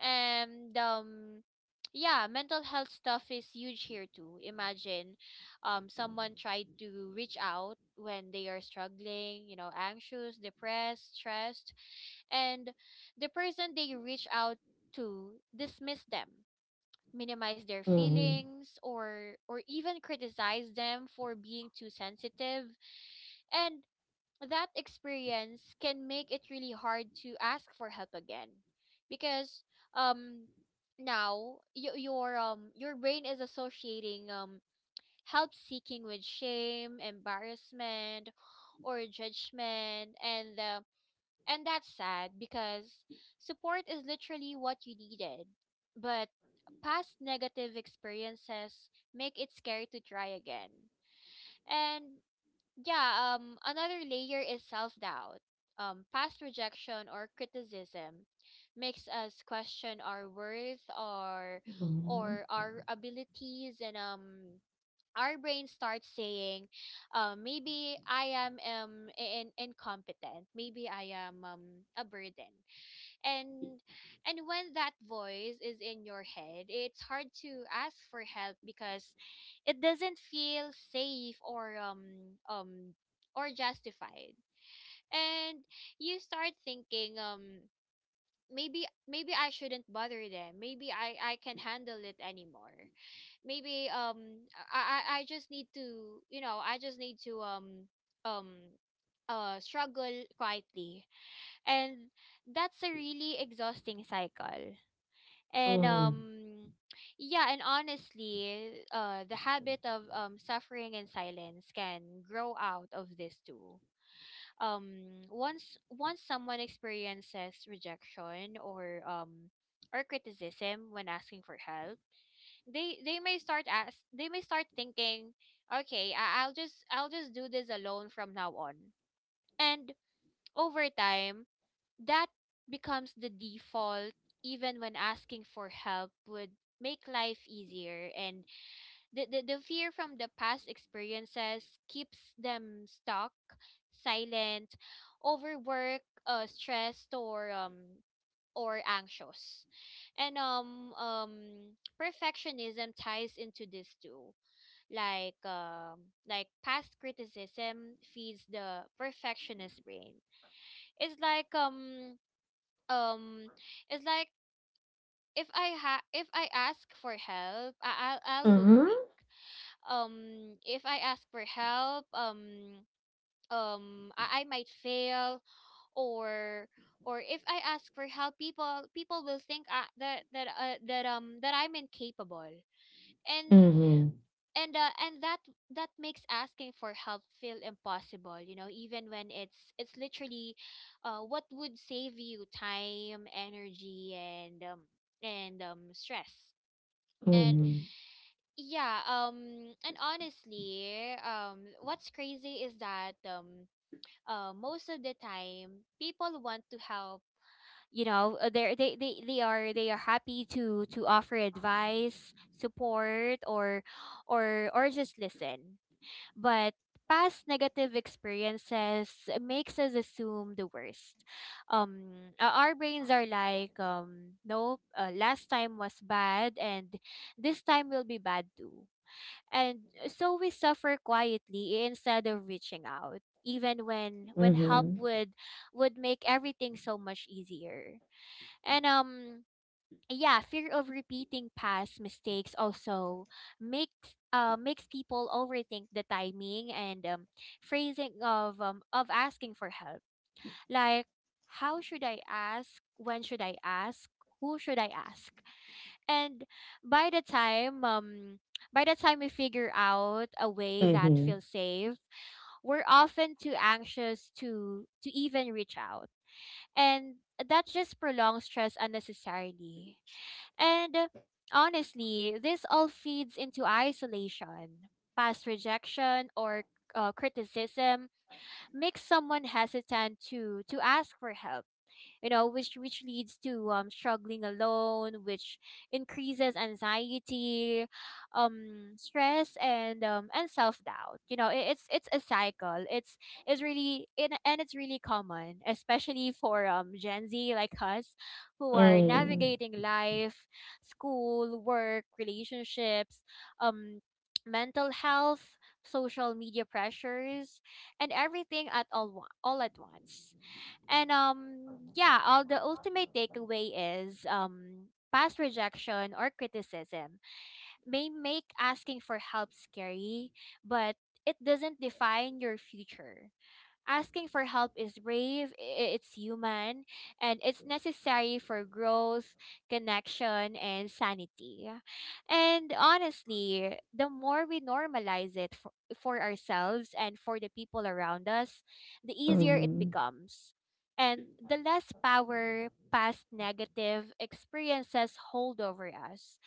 Speaker 2: And um Yeah, mental health stuff is huge here too. Imagine um someone tried to reach out when they are struggling, you know, anxious, depressed, stressed, and the person they reach out to dismiss them, minimize their
Speaker 1: Mhm.
Speaker 2: feelings, or or even criticize them for being too sensitive. And that experience can make it really hard to ask for help again, because um now y- your um your brain is associating um help seeking with shame, embarrassment, or judgment. And uh, and that's sad, because support is literally what you needed, but past negative experiences make it scary to try again. And. Yeah, um, another layer is self doubt. Um, past rejection or criticism makes us question our worth, or
Speaker 1: Mhm.
Speaker 2: or our abilities. And um our brain starts saying, "Uh, Maybe I am um in- incompetent. Maybe I am um a burden." And and when that voice is in your head, it's hard to ask for help, because it doesn't feel safe, or um um or justified. And you start thinking, um maybe maybe I shouldn't bother them. Maybe i I can handle it anymore. Maybe um i i I just need to, you know i just need to um um uh struggle quietly. And that's a really exhausting cycle. And
Speaker 1: Mhm.
Speaker 2: um Yeah, and honestly, uh the habit of um suffering in silence can grow out of this too. Um once once someone experiences rejection, or um or criticism, when asking for help, they they may start ask they may start thinking, okay, I, i'll just I'll just do this alone from now on. And over time, that becomes the default, even when asking for help would make life easier. And the, the, the fear from the past experiences keeps them stuck, silent, overwork, uh, stressed, or um or anxious. And um um Perfectionism ties into this too. Like, um like past criticism feeds the perfectionist brain. It's like, um um it's like if I ha if I ask for help, I I'll, I'll look
Speaker 1: Mhm.
Speaker 2: weak. Um, if I ask for help, um, um, I, I might fail, or or if I ask for help, people people will think, uh, that that uh, that um that I'm incapable. And
Speaker 1: Mhm.
Speaker 2: and uh, and that that makes asking for help feel impossible, you know, even when it's it's literally uh, what would save you time, energy, and um, and um, stress. And
Speaker 1: Mhm.
Speaker 2: Yeah, um and honestly, um what's crazy is that, um uh, most of the time people want to help, you know. uh, they're, they they they are they are happy to to offer advice, support, or or or just listen. But past negative experiences makes us assume the worst. Um uh, our brains are like, um nope, uh, last time was bad and this time will be bad too. And so we suffer quietly instead of reaching out, even when when help
Speaker 1: Mhm.
Speaker 2: would would make everything so much easier. And um Yeah, fear of repeating past mistakes also makes uh makes people overthink the timing and, um, phrasing of, um, of asking for help. Like, how should I ask, when should I ask, who should I ask? And by the time um by the time we figure out a way that
Speaker 1: Mhm.
Speaker 2: feels safe, we're often too anxious to to even reach out, and that just prolongs stress unnecessarily. And uh, honestly, this all feeds into isolation. Past rejection, or uh, criticism, makes someone hesitant to to ask for help, you know, which which leads to um struggling alone, which increases anxiety, um stress, and um and self-doubt. You know, it, it's it's a cycle. It's it's really and and it's really common, especially for um gen z like us, who are
Speaker 1: Mhm.
Speaker 2: navigating life, school, work, relationships, um mental health, social media pressures, and everything at all wa- all at once. And um yeah, all the ultimate takeaway is, um past rejection or criticism may make asking for help scary, but it doesn't define your future. Asking for help is brave, i- it's human, and it's necessary for growth, connection, and sanity. And honestly, the more we normalize it for, for ourselves and for the people around us, the easier it
Speaker 1: Mhm.
Speaker 2: becomes. And the less power past negative experiences hold over us.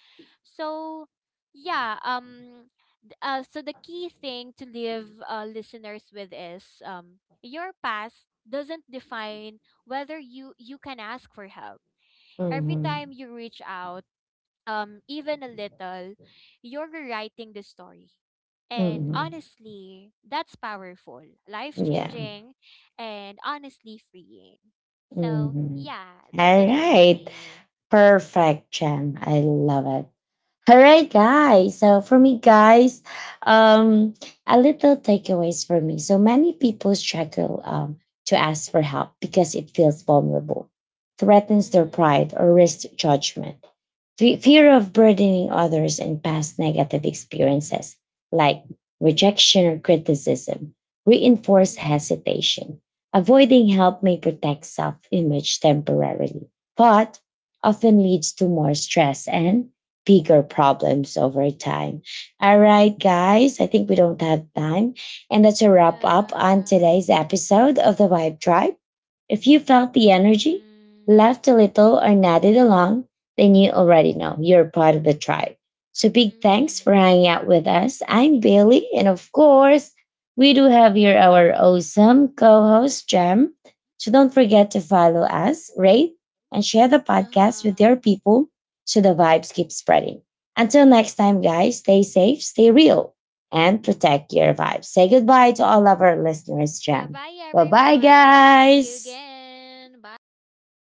Speaker 2: So, yeah, um, th- uh, so the key thing to leave, uh, listeners, with is, um, your past doesn't define whether you you can ask for help. Every time
Speaker 1: Mhm.
Speaker 2: you reach out, um even a little, you're rewriting the story. And
Speaker 1: Mhm.
Speaker 2: honestly, that's powerful,
Speaker 1: Yeah.
Speaker 2: life-changing, and honestly freeing. So,
Speaker 1: Mhm.
Speaker 2: yeah, that's
Speaker 1: All
Speaker 2: it for
Speaker 1: right.
Speaker 2: me.
Speaker 1: Perfect, Jem. I love it. All right, guys. So for me, guys, um, a little takeaways for me. So many people struggle um, to ask for help because it feels vulnerable, threatens their pride,
Speaker 2: Mhm.
Speaker 1: or risks judgment. Fe- Fear of burdening others and past negative experiences like rejection or criticism reinforce
Speaker 2: Mhm.
Speaker 1: hesitation. Avoiding help may protect self image temporarily, but often leads to more stress and bigger problems over time. All right, guys, I think we don't have time. And that's a wrap up on
Speaker 2: Yeah.
Speaker 1: today's episode of the Vibe Tribe. If you felt the energy,
Speaker 2: Mhm.
Speaker 1: laughed a little, or nodded along, then you already know you're part of the tribe. So big thanks for
Speaker 2: Mhm.
Speaker 1: hanging out with us. I'm Bailey, and of course, we do have here our awesome co-host Jem. So don't forget to follow us, rate, and share the podcast with
Speaker 2: Uh-huh.
Speaker 1: your people so the vibes keep spreading. Until next time, guys, stay safe, stay real, and protect your vibes. Say goodbye to all of our listeners,
Speaker 2: Yeah,
Speaker 1: Jem.
Speaker 2: bye
Speaker 1: Bye bye,
Speaker 2: everyone. See you
Speaker 1: guys.
Speaker 2: again.
Speaker 1: Yeah.
Speaker 2: Bye.